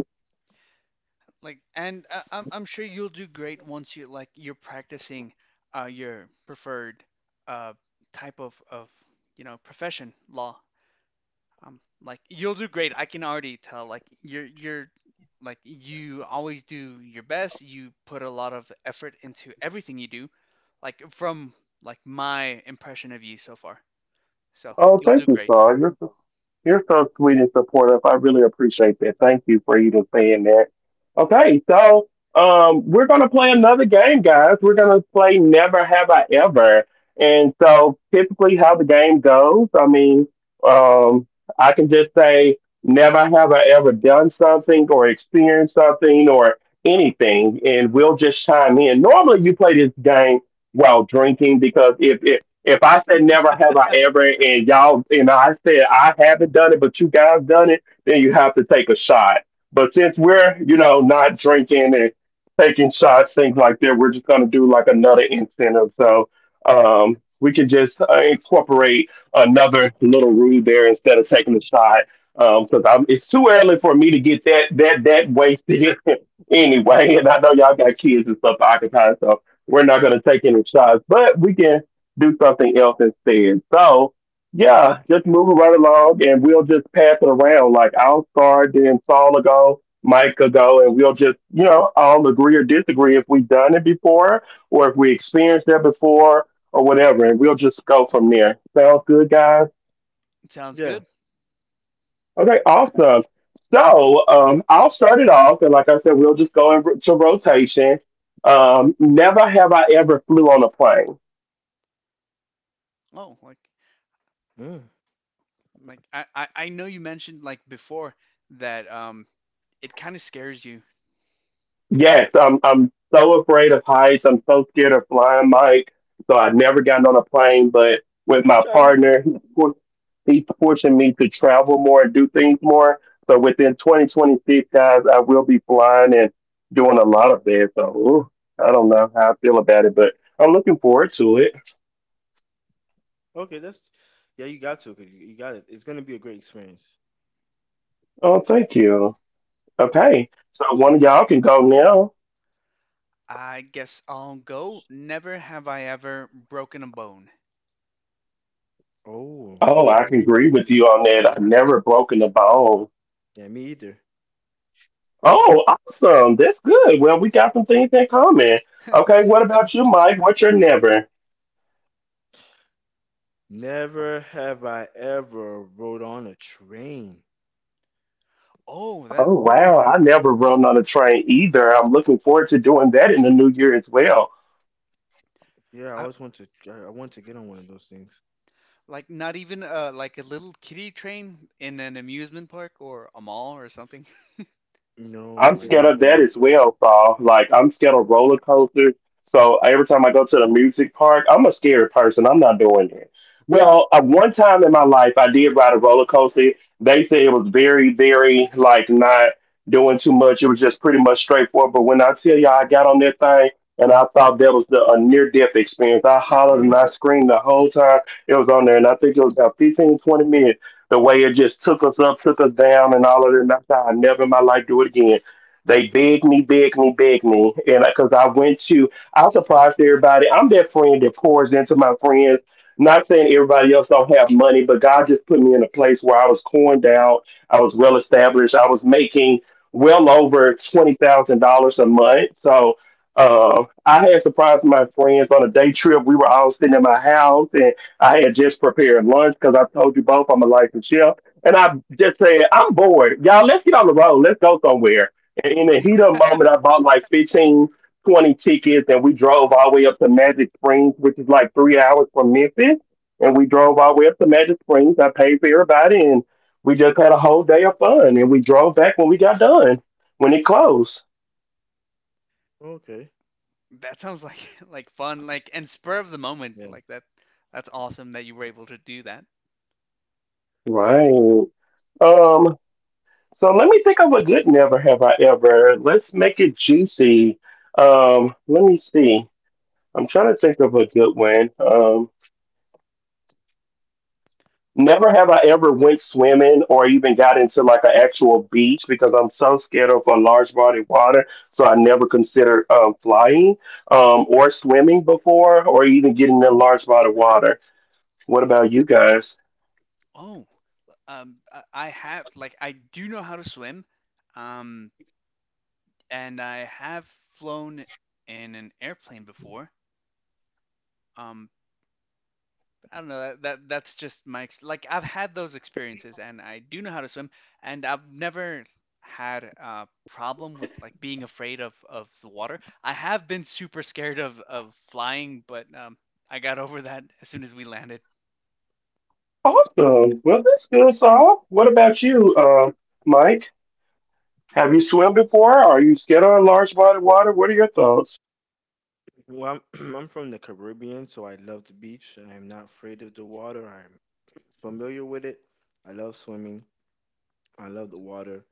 Speaker 2: Like, and I'm sure you'll do great once you, like, you're practicing your preferred uh, type of you know profession law. Like you'll do great. I can already tell. Like you're like you always do your best. You put a lot of effort into everything you do. Like from like my impression of you so far. So
Speaker 1: Oh,
Speaker 2: you'll do
Speaker 1: thank you,
Speaker 2: great.
Speaker 1: Carl. You're so sweet and supportive. I really appreciate that. Thank you for even saying that. Okay, so we're gonna play another game, guys. We're gonna play Never Have I Ever. And so typically, how the game goes, I mean, um, I can just say never have I ever done something or experienced something or anything, and we'll just chime in. Normally, you play this game while drinking because if I said never have I ever, and y'all, you know, I said I haven't done it, but you guys done it, then you have to take a shot. But since we're, you know, not drinking and taking shots, things like that, we're just gonna do like another incentive. So we can just incorporate another little rule there instead of taking a shot. Cause it's too early for me to get that wasted anyway. And I know y'all got kids and stuff to occupy, so we're not going to take any shots, but we can do something else instead. So, yeah, just moving right along and we'll just pass it around. Like I'll start, then Saul will go, Mike will go, and we'll just, you know, all agree or disagree if we've done it before or if we experienced that before or whatever. And we'll just go from there. Sounds good, guys?
Speaker 2: Sounds
Speaker 3: Yeah.
Speaker 2: good.
Speaker 1: Okay, awesome. So I'll start it off. And like I said, we'll just go into rotation. Never have I ever flew on a plane.
Speaker 2: Oh, like
Speaker 3: Mm.
Speaker 2: like I know you mentioned like before that it kind of scares you.
Speaker 1: Yes, I'm so afraid of heights. I'm so scared of flying, Mike. So I've never gotten on a plane, but with my
Speaker 3: Travis.
Speaker 1: partner, he's forcing me to travel more and do things more. So within 2026, guys, I will be flying and doing a lot of that. So ooh, I don't know how I feel about it, but I'm looking forward to it.
Speaker 3: Okay, that's yeah. You got to. 'Cause you got it. It's gonna be a great experience.
Speaker 1: Oh, thank you.
Speaker 3: Yeah.
Speaker 1: Okay, so one of y'all can go now.
Speaker 2: I guess I'll go. Never have I ever broken a bone.
Speaker 3: Oh,
Speaker 1: Oh,
Speaker 3: you're
Speaker 1: I
Speaker 3: like
Speaker 1: can
Speaker 3: me.
Speaker 1: agree with you on that. I've never broken a bone.
Speaker 3: Yeah, me either.
Speaker 1: Oh, awesome. That's good. Well, we got some things in common. Okay, what
Speaker 2: That-
Speaker 1: about you, Mike? What's your never?
Speaker 3: Never have I ever rode on a train.
Speaker 2: Oh,
Speaker 1: Oh,
Speaker 2: that
Speaker 1: wow. I never run on a train either. I'm looking forward to doing that in the new year as well.
Speaker 3: Yeah, I
Speaker 2: I,
Speaker 3: always want to. I want to get on one of those things.
Speaker 2: Like not even like a little kiddie train in an amusement park or a mall or something.
Speaker 3: No,
Speaker 1: I'm
Speaker 3: I never
Speaker 1: scared of
Speaker 3: been.
Speaker 1: that
Speaker 3: To-
Speaker 1: as well, Saul. Like I'm scared of roller coasters. So every time I go to the music park, I'm a scared person. I'm not doing it. Well, at one time in my life, I did ride a roller coaster. They said it was very, very like not doing too much. It was just pretty much straightforward. But when I tell y'all, I got on that thing and I thought that was the a near death experience. I hollered and I screamed the whole time it was on there, and I think it was about 15, 20 minutes. The way it just took us up, took us down, and all of that. And I thought I never in my life do it again. They begged me, begged me, begged me, and because I went to, I was surprised to everybody. I'm that friend that pours into my friends. Not saying everybody else don't have money, but God just put me in a place where I was coined out. I was well established. I was making well over $20,000 a month. So I had surprised my friends on a day trip. We were all sitting in my house, and I had just prepared lunch because I told you both I'm a licensed chef. And I just said, I'm bored, y'all. Let's get on the road. Let's go somewhere. And in the heat of the moment, I bought like 15, 20 tickets, and we drove all the way up to Magic Springs, which is like 3 hours from Memphis. And we drove all the way up to Magic Springs. I paid for everybody, and we just had a whole day of fun. And we drove back when we got done, when it closed.
Speaker 3: Okay.
Speaker 2: That sounds like like fun, like and spur of the
Speaker 3: Yeah.
Speaker 2: moment. Like that's awesome that you were able to do that.
Speaker 1: Right. Um. So let me think of a good never have I ever. Let's make it juicy. Let me see. I'm trying to think of a good one. Never have I ever went swimming or even got into like an actual beach because I'm so scared of a large body of water. So I never considered flying or swimming before or even getting in a large body of water. What about you guys?
Speaker 2: Oh, I have, I do know how to swim. Um and I have flown in an airplane before. Um I don't know that that's just my ex-, like I've had those experiences and I do know how to swim, and I've never had a problem with like being afraid of the water. I have been super scared of flying, but I got over that as soon as we landed.
Speaker 1: Awesome. Well, that's good, Saul. What about you, Mike? Have you swum before? Are you scared of a large body of water? What are your thoughts?
Speaker 3: Well, I'm I'm from the Caribbean, so I love the beach. I am not afraid of the water. I'm familiar with it. I love swimming. I love the water.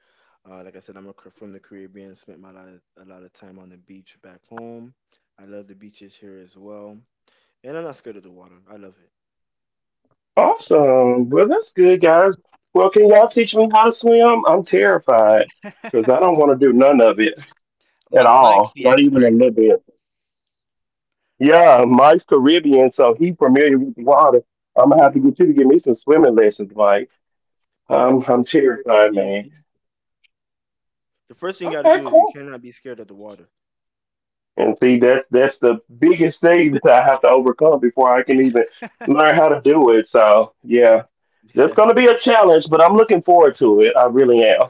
Speaker 3: Like I said, I'm a, from the Caribbean. Spent my lot a lot of time on the beach back home. I love the beaches here as well, and I'm not scared of the water. I love it.
Speaker 1: Awesome. Well, that's good, guys. Well, can y'all teach me how to swim? I'm terrified because I don't want to do none of it, at
Speaker 2: Mi- Mike's
Speaker 1: all,
Speaker 2: the
Speaker 1: not even a
Speaker 2: expert.
Speaker 1: little bit. Yeah, Mike's Caribbean, so he's familiar with the water. I'm gonna have to get you to give me some swimming lessons, Mike.
Speaker 3: Yeah,
Speaker 1: I'm I'm
Speaker 3: it's it's
Speaker 1: terrified,
Speaker 3: pretty
Speaker 1: man.
Speaker 3: easy. The first thing you got to
Speaker 1: Okay,
Speaker 3: do is you
Speaker 1: cool.
Speaker 3: cannot be scared of the water.
Speaker 1: And see, that's the biggest thing that I have to overcome before I can even learn how to do it. So yeah, that's gonna be a challenge, but I'm looking forward to it. I really am.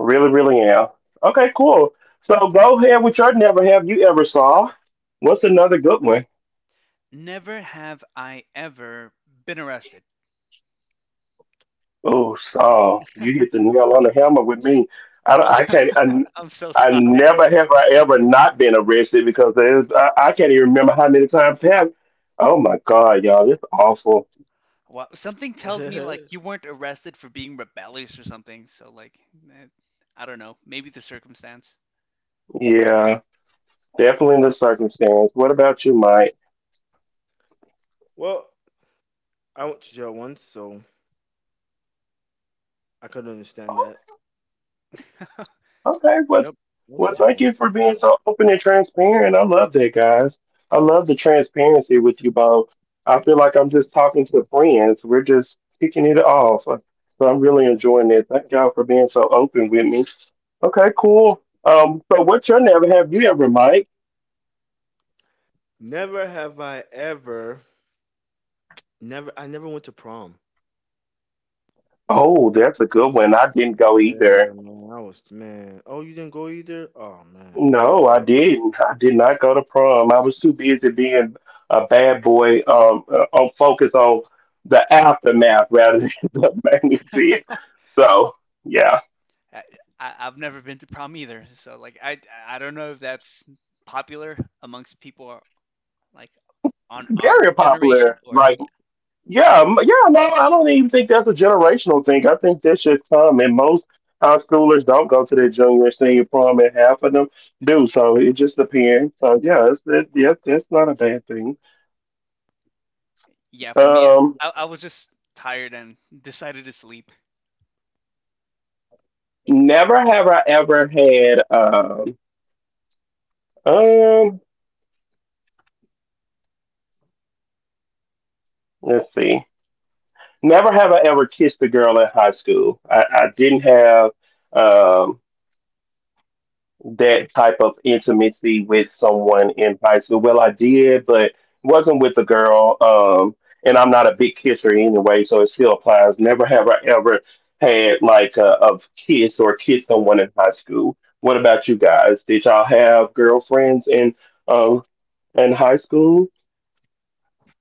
Speaker 1: Really, really am. Okay, cool. So go ahead with your never have you ever saw. What's another good one?
Speaker 2: Never have I ever been arrested.
Speaker 1: Oh, Saul, you hit the nail on the hammer with me. I, don't-
Speaker 2: Oh,
Speaker 1: I can't. I,
Speaker 2: I'm so
Speaker 1: I
Speaker 2: sorry.
Speaker 1: never have I ever not been arrested because there's, I can't even remember how many times have. Oh my God, y'all, it's awful.
Speaker 2: Well, something tells me
Speaker 3: Yeah.
Speaker 2: like you weren't arrested for being rebellious or something. So like, eh, I don't know, maybe the circumstance.
Speaker 1: Yeah, definitely the circumstance. What about you, Mike?
Speaker 3: well, I went to jail once, so I could understand that.
Speaker 1: Okay, well,
Speaker 3: Yep. What
Speaker 1: well,
Speaker 3: did I
Speaker 1: thank you
Speaker 3: want?
Speaker 1: for being so open and transparent. I love that, guys. I love the transparency with you both. I feel like I'm just talking to friends. We're just kicking it off. So I'm really
Speaker 3: Yeah.
Speaker 1: enjoying it. Thank y'all for being so open with me. Okay, cool. So what's your never have you ever, Mike?
Speaker 3: Never have I ever. Never. I never went to prom.
Speaker 1: Oh, that's a good one. I didn't go
Speaker 2: Oh,
Speaker 3: Yeah,
Speaker 1: either.
Speaker 3: man. I was man. Oh, you didn't go either. Oh man, I
Speaker 1: No,
Speaker 3: regret
Speaker 1: I
Speaker 3: it.
Speaker 1: didn't. I did not go to prom. I was too busy being a bad boy, on focus on the aftermath rather than the magnitude. So, yeah,
Speaker 2: I, I, I've never been to prom either, so like I don't know if that's popular amongst people like on our
Speaker 1: very
Speaker 2: generation
Speaker 1: popular.
Speaker 2: or
Speaker 1: Like,
Speaker 2: yeah.
Speaker 1: yeah, yeah, no, I don't even think that's a generational thing. I think that should come, and most high schoolers don't go to their junior, and senior prom, and half of them do. So it just depends. So yeah, yeah, that's not a bad thing.
Speaker 2: Yeah, for me,
Speaker 1: Um,
Speaker 2: I was just tired and decided to sleep.
Speaker 1: never have I ever had. Um, let's see. Never have I ever kissed a girl in high school. I didn't have um that type of intimacy with someone in high school. Well, I did, but wasn't with a girl. And I'm not a big kisser anyway, so it still applies. Never have I ever had like a kiss or kissed someone in high school. What about you guys? Did y'all have girlfriends um in high school?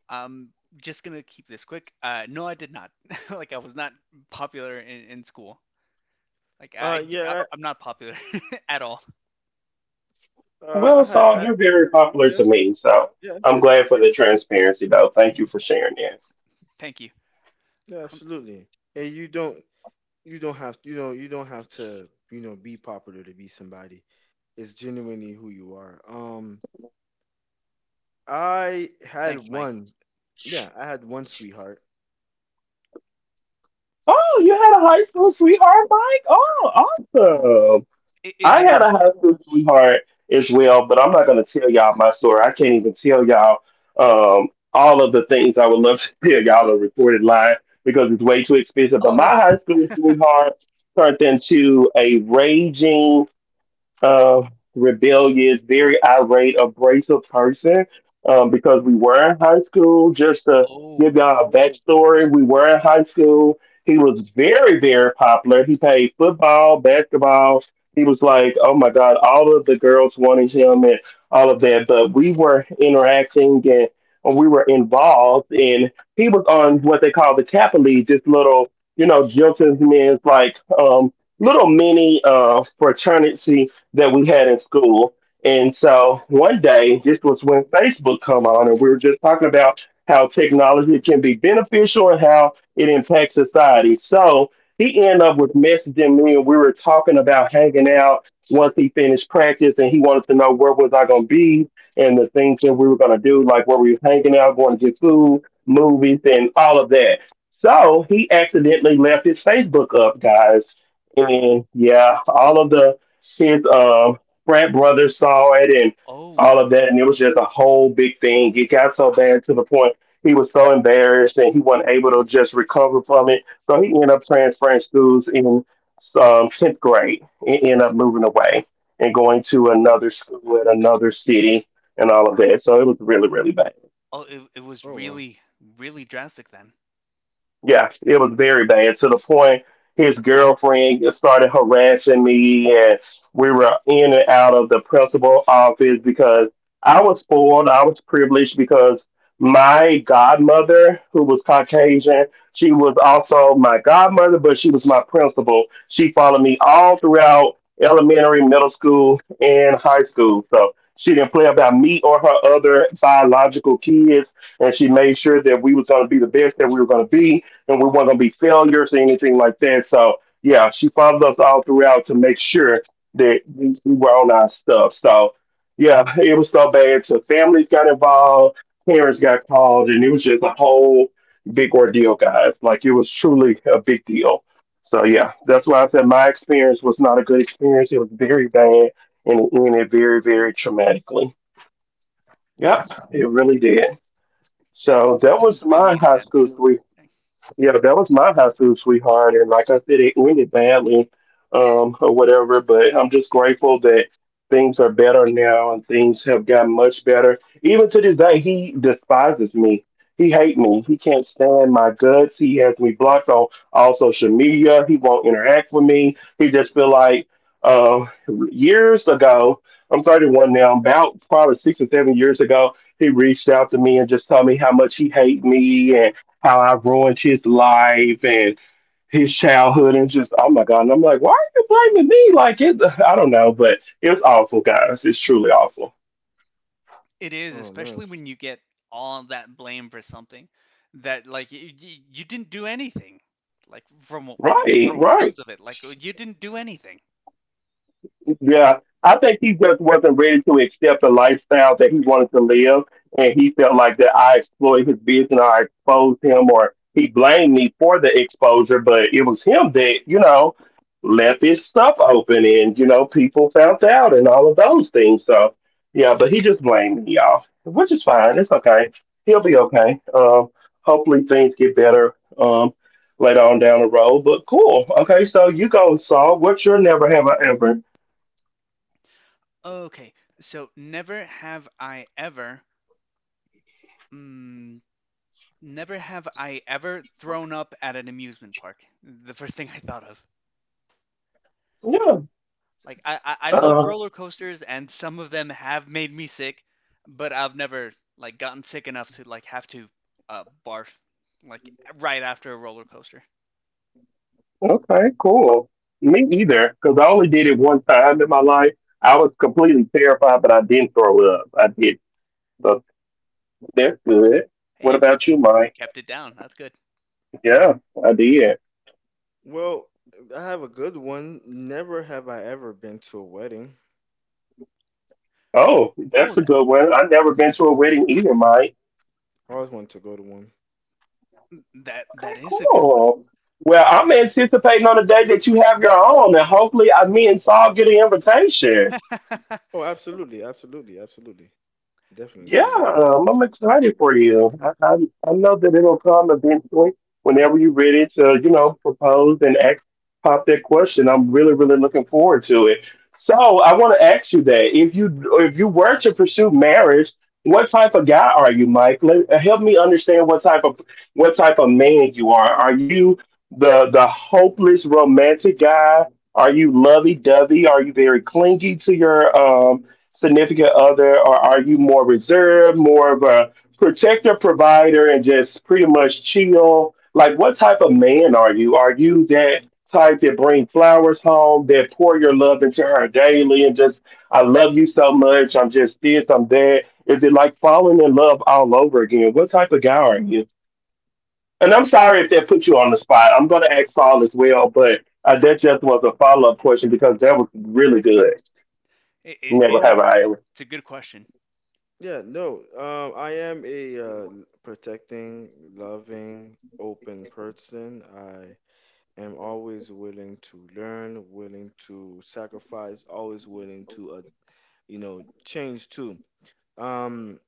Speaker 2: I'm just gonna keep this quick. No, I did not. Like I was not popular in school. Like
Speaker 3: Uh,
Speaker 2: I
Speaker 3: yeah. I-
Speaker 2: am not popular at all.
Speaker 3: Uh, I
Speaker 1: Well,
Speaker 3: had.
Speaker 1: Saul,
Speaker 3: I,
Speaker 1: you're very popular
Speaker 3: yeah,
Speaker 1: to me, so
Speaker 3: yeah,
Speaker 1: I'm glad for the transparency, though. Thank you for sharing that.
Speaker 2: Thank you.
Speaker 3: yeah. Absolutely. And you don't. You don't have. You know. You don't have to. You know. Be popular to be somebody. It's genuinely who you are. I had
Speaker 2: Thanks, Mike.
Speaker 3: one. Yeah, I had one sweetheart.
Speaker 1: Oh, you had a high school sweetheart, Mike? Oh, awesome.
Speaker 2: Is
Speaker 1: I
Speaker 2: it a
Speaker 1: had
Speaker 3: Yeah.
Speaker 1: a high
Speaker 3: She.
Speaker 1: school sweetheart as well, but I'm not going to tell y'all my story. I can't even tell y'all all of the things I would love to tell y'all on recorded line because it's way too expensive. But my
Speaker 2: oh
Speaker 1: high school sweetheart turned into a raging uh, rebellious, very irate, abrasive person because we were in high school. Just to give
Speaker 2: oh
Speaker 1: y'all a backstory, we were in high school. He was very, very popular. He played football, basketball. He was like, oh my God, all of the girls wanted him and all of that. But we were interacting and we were involved, and he was on what they call the Kappa League, this little, you know, gentlemen's like little mini fraternity that we had in school. And so one day,
Speaker 2: oh
Speaker 1: this was when Facebook come on, and we were just talking about how technology can be beneficial and how it impacts society. So he ended up with messaging me, and we were talking about hanging out once he finished practice, and he wanted to know where was I going to be and the things that we were going to do, like where we was hanging out, going to get food, movies, and all of that. So he accidentally left his Facebook up, guys. And yeah, all of the his frat brother saw it and
Speaker 2: oh
Speaker 1: all of that, and it was just a whole big thing. It got so bad to the point he was so embarrassed and he wasn't able to just recover from it. So he ended up transferring schools in tenth grade and ended up moving away and going to
Speaker 3: Oh wow.
Speaker 1: another school in another city and all of that. So it was really, really bad.
Speaker 2: oh, it was
Speaker 3: Oh wow.
Speaker 2: really really drastic then.
Speaker 1: Yes, it was very bad to the point his girlfriend started harassing me, and we were in and out of the principal office because I was spoiled, I was privileged because my godmother, who was Caucasian, she was also my godmother, but she was my principal. She followed me all throughout elementary, middle school, and high school. So she didn't play about me or her other biological kids, and she made sure that we was going to be the best that we were going to be and we weren't going to be failures or anything like that. So, yeah, she followed us all throughout to make sure that we were on our stuff. So, yeah, it was so bad. So, families got involved, parents got called, and it was just a whole big ordeal, guys. Like, it was truly a big deal. So, yeah, that's why I said my experience was not a good experience. It was very bad and it ended very, very traumatically. Yep, it really did.
Speaker 2: It
Speaker 1: So, that was
Speaker 2: sounds
Speaker 1: my
Speaker 2: really
Speaker 1: high school
Speaker 2: intense.
Speaker 1: yeah, that was my high school sweetheart, and like I said, it ended badly, or whatever. But I'm just grateful that things are better now, and things have gotten much better. Even to this day, he despises me. He hate me. He can't stand my guts. He has me blocked on all social media. He won't interact with me. He just feel like uh, years ago. I'm 31 now. About probably 6 or 7 years ago, he reached out to me and just told me how much he hate me and how I ruined his life and his childhood and just oh my god. And I'm like, why are you blaming me? Like it I don't know, but it was awful, guys. It's truly awful.
Speaker 2: It is,
Speaker 3: Oh man.
Speaker 2: especially when you get all that blame for something that like you didn't do anything. Like
Speaker 1: Right,
Speaker 2: from the
Speaker 1: right.
Speaker 2: sounds of it, like, you didn't do anything.
Speaker 1: Yeah, I think he just wasn't ready to accept the lifestyle that he wanted to live, and he felt like that I exploited his vision, or I exposed him, or he blamed me for the exposure. But it was him that left his stuff open, and people found out, and all of those things. So yeah, but he just blamed me, y'all, which is fine. It's okay. He'll be okay. Hopefully things get better. Later on down the road, but cool. Okay, so you go, Saul. What's your never have I ever?
Speaker 2: Okay, so never have I ever, mm, never have I ever thrown up at an amusement park. The first thing I thought of.
Speaker 1: Yeah.
Speaker 2: Like I love
Speaker 1: Uh,
Speaker 2: roller coasters and some of them have made me sick, but I've never like gotten sick enough to like have to barf like right after a roller coaster.
Speaker 1: okay, cool. Me either, because I only did it one time in my life. I was completely terrified, but I didn't throw up. I did. So that's good.
Speaker 2: Hey,
Speaker 1: What
Speaker 2: you
Speaker 1: about
Speaker 2: kept
Speaker 1: you,
Speaker 2: it, you
Speaker 1: Mike?
Speaker 2: kept it down. That's good.
Speaker 1: Yeah, I did.
Speaker 3: Well, I have a good one. Never have I ever been to a wedding.
Speaker 1: Oh,
Speaker 2: Oh,
Speaker 1: that's a good one. I've never been to a wedding either, Mike.
Speaker 3: I always wanted to go to one.
Speaker 1: Okay,
Speaker 2: that is a good one.
Speaker 1: cool. Well, I'm anticipating on the day that you have your own, and hopefully, me and Saul get an invitation.
Speaker 3: Oh, absolutely, absolutely, absolutely. Definitely
Speaker 1: Yeah,
Speaker 3: give you guys the link.
Speaker 1: I'm excited for you. I know that it'll come eventually whenever you're ready to, propose and ask, pop that question. I'm really, really looking forward to it. So I want to ask you that if you were to pursue marriage, what type of guy are you, Mike? Help me understand what type of man you are. Are you the hopeless romantic guy? Are you lovey dovey? Are you very clingy to your significant other, or are you more reserved, more of a protector, provider, and just pretty much chill? Like, what type of man are you? Are you that type that bring flowers home, that pour your love into her daily, and just I love you so much, I'm just this, I'm that? Is it like falling in love all over again? What type of guy are you? And I'm sorry if that put you on the spot. I'm going to ask Paul as well, but that just was a follow up question because that was really good.
Speaker 2: It, it,
Speaker 1: Never
Speaker 2: it
Speaker 1: have
Speaker 3: No,
Speaker 1: I ever.
Speaker 2: it's a good question.
Speaker 3: Yeah, no. I am a protecting, loving, open person. I am always willing to learn, willing to sacrifice, always willing to, you know, change too. Um,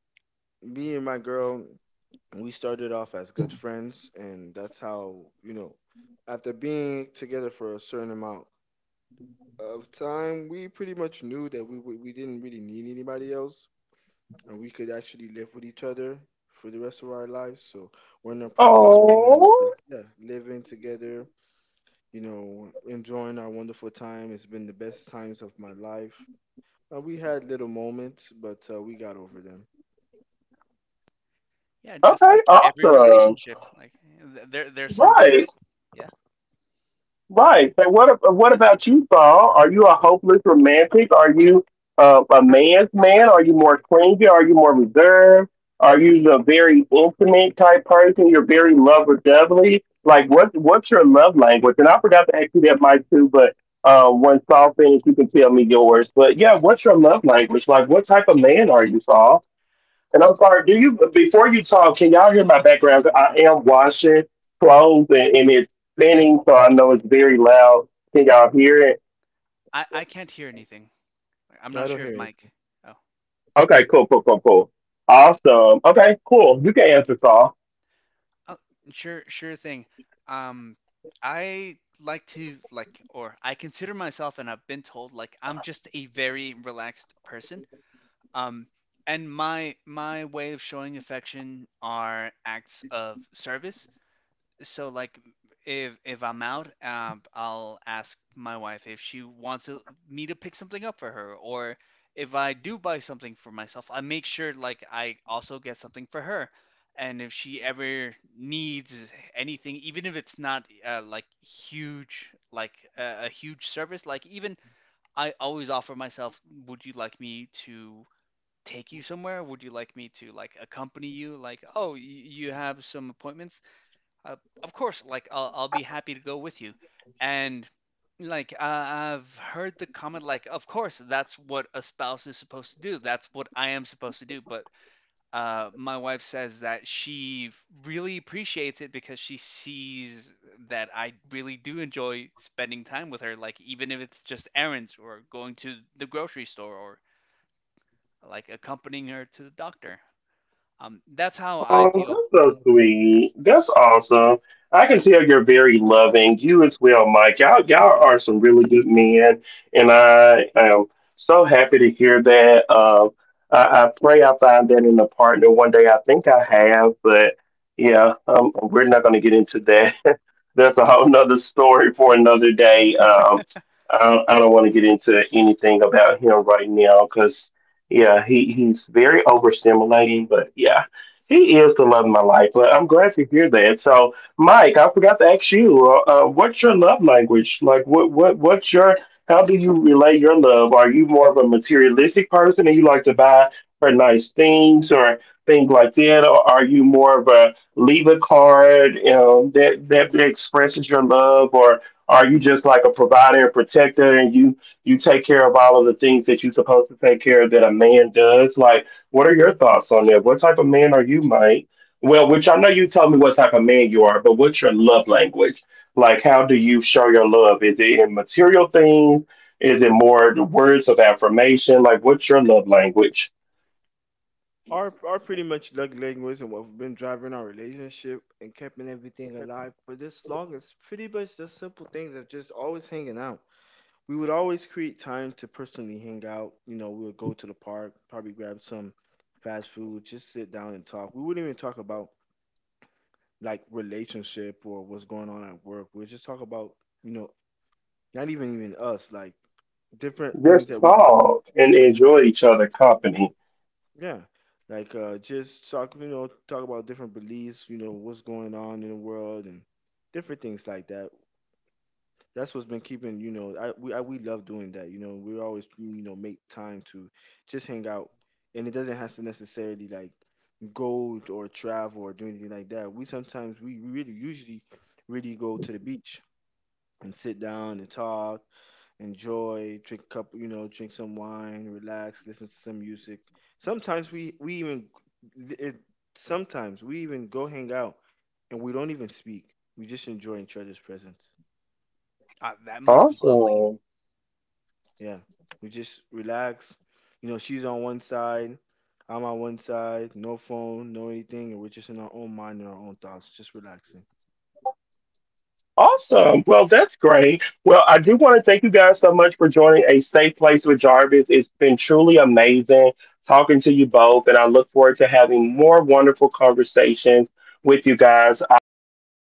Speaker 3: me and my girl. We started off as good friends and that's how you know after being together for a certain amount of time we pretty much knew that we didn't really need anybody else and we could actually live with each other for the rest of our lives so we're in the process right now of
Speaker 1: Oh,
Speaker 3: just yeah living together you know enjoying our wonderful time it's been the best times of my life we had little moments but we got over them.
Speaker 2: Yeah, just
Speaker 1: okay,
Speaker 2: like every
Speaker 1: awesome.
Speaker 2: relationship, like there's some
Speaker 1: Right,
Speaker 2: bumps. Yeah.
Speaker 1: right. So, what about you, Paul? Are you a hopeless romantic? Are you a man's man? Are you more clingy? Are you more reserved? Are you the very intimate type person? You're very lover dovely. Like what? What's your love language? And I forgot to ask you that, Mike, too. But one Saul thing, you can tell me yours. But yeah, what's your love language? Like what type of man are you, Saul? And I'm
Speaker 2: Oh,
Speaker 1: sorry, do you, before you talk, can y'all hear my background? I am washing clothes and it's spinning, so I know it's very loud. Can y'all hear it?
Speaker 2: I can't hear anything. I'm
Speaker 3: No,
Speaker 2: not
Speaker 3: I don't
Speaker 2: sure if
Speaker 3: hear.
Speaker 2: Mike. Oh,
Speaker 1: Okay, cool, cool, cool, cool. Awesome. Okay, cool. You can answer, Saul.
Speaker 2: Oh, sure, sure thing. Um, I like to like, or I consider myself, and I've been told, like, I'm just a very relaxed person. Um, and my way of showing affection are acts of service, so like if I'm out, I'll ask my wife if she wants me to pick something up for her, or if I do buy something for myself, I make sure like I also get something for her. And if she ever needs anything, even if it's not like huge, like, a huge service, like even I always offer myself, would you like me to take you somewhere? Would you like me to like accompany you? Like, oh, you have some appointments, uh, of course, like I'll be happy to go with you. And like I've heard the comment, like, of course, that's what a spouse is supposed to do. That's what I am supposed to do. But my wife says that she really appreciates it because she sees that I really do enjoy spending time with her. Like even if it's just errands or going to the grocery store or like accompanying her to the doctor. That's how I
Speaker 1: Oh,
Speaker 2: feel.
Speaker 1: that's so
Speaker 2: Like, yeah,
Speaker 1: sweet. That's awesome. I can tell you're very loving. You as well, Mike. Y'all, are some really good men, and I am so happy to hear that. I pray I find that in a partner one day. I think I have, but yeah, we're not going to get into that. That's a whole nother story for another day. I don't want to get into anything about him right now because yeah, he's very overstimulating, but yeah. He is the love of my life, but I'm glad to hear that. So, Mike, I forgot to ask you, what's your love language? Like, what's your? How do you relay your love? Are you more of a materialistic person, and you like to buy her nice things or things like that, or are you more of a leave a card that expresses your love, or are you just like a provider and protector, and you take care of all of the things that you're supposed to take care of that a man does? Like what are your thoughts on that? What type of man are you, Mike? Well, which I know you told me what type of man you are, but what's your love language? Like, how do you show your love? Is it in material things? Is it more the words of affirmation? Like, what's your love language?
Speaker 3: Our pretty much love language and what we've been driving our relationship and keeping everything alive for this long is pretty much the simple things of just always hanging out. We would always create time to personally hang out. You know, we would go to the park, probably grab some fast food, just sit down and talk. We wouldn't even talk about like relationship or what's going on at work. We'd just talk about, you know, not even us, like different things that
Speaker 1: Just
Speaker 3: we.
Speaker 1: talk and enjoy each other company.
Speaker 3: Yeah, like just talk, you know, talk about different beliefs, you know, what's going on in the world and different things like that. That's what's been keeping, you know, we love doing that. You know, we always, you know, make time to just hang out, and it doesn't have to necessarily like go or travel or do anything like that. We sometimes we really usually really go to the beach and sit down and talk enjoy, drink a cup, you know, drink some wine, relax, listen to some music. Sometimes we we even it, sometimes we even go hang out and we don't even speak. We just enjoy each other's presence.
Speaker 2: that must be lovely.
Speaker 1: Awesome.
Speaker 3: Yeah. We just relax. You know, she's on one side, I'm on one side, no phone, no anything, and we're just in our own mind and our own thoughts, just relaxing.
Speaker 1: Awesome. Well, that's great. Well, I do want to thank you guys so much for joining A Safe Place with Jarvis. It's been truly amazing talking to you both, and I look forward to having more wonderful conversations with you guys. I'll go ahead and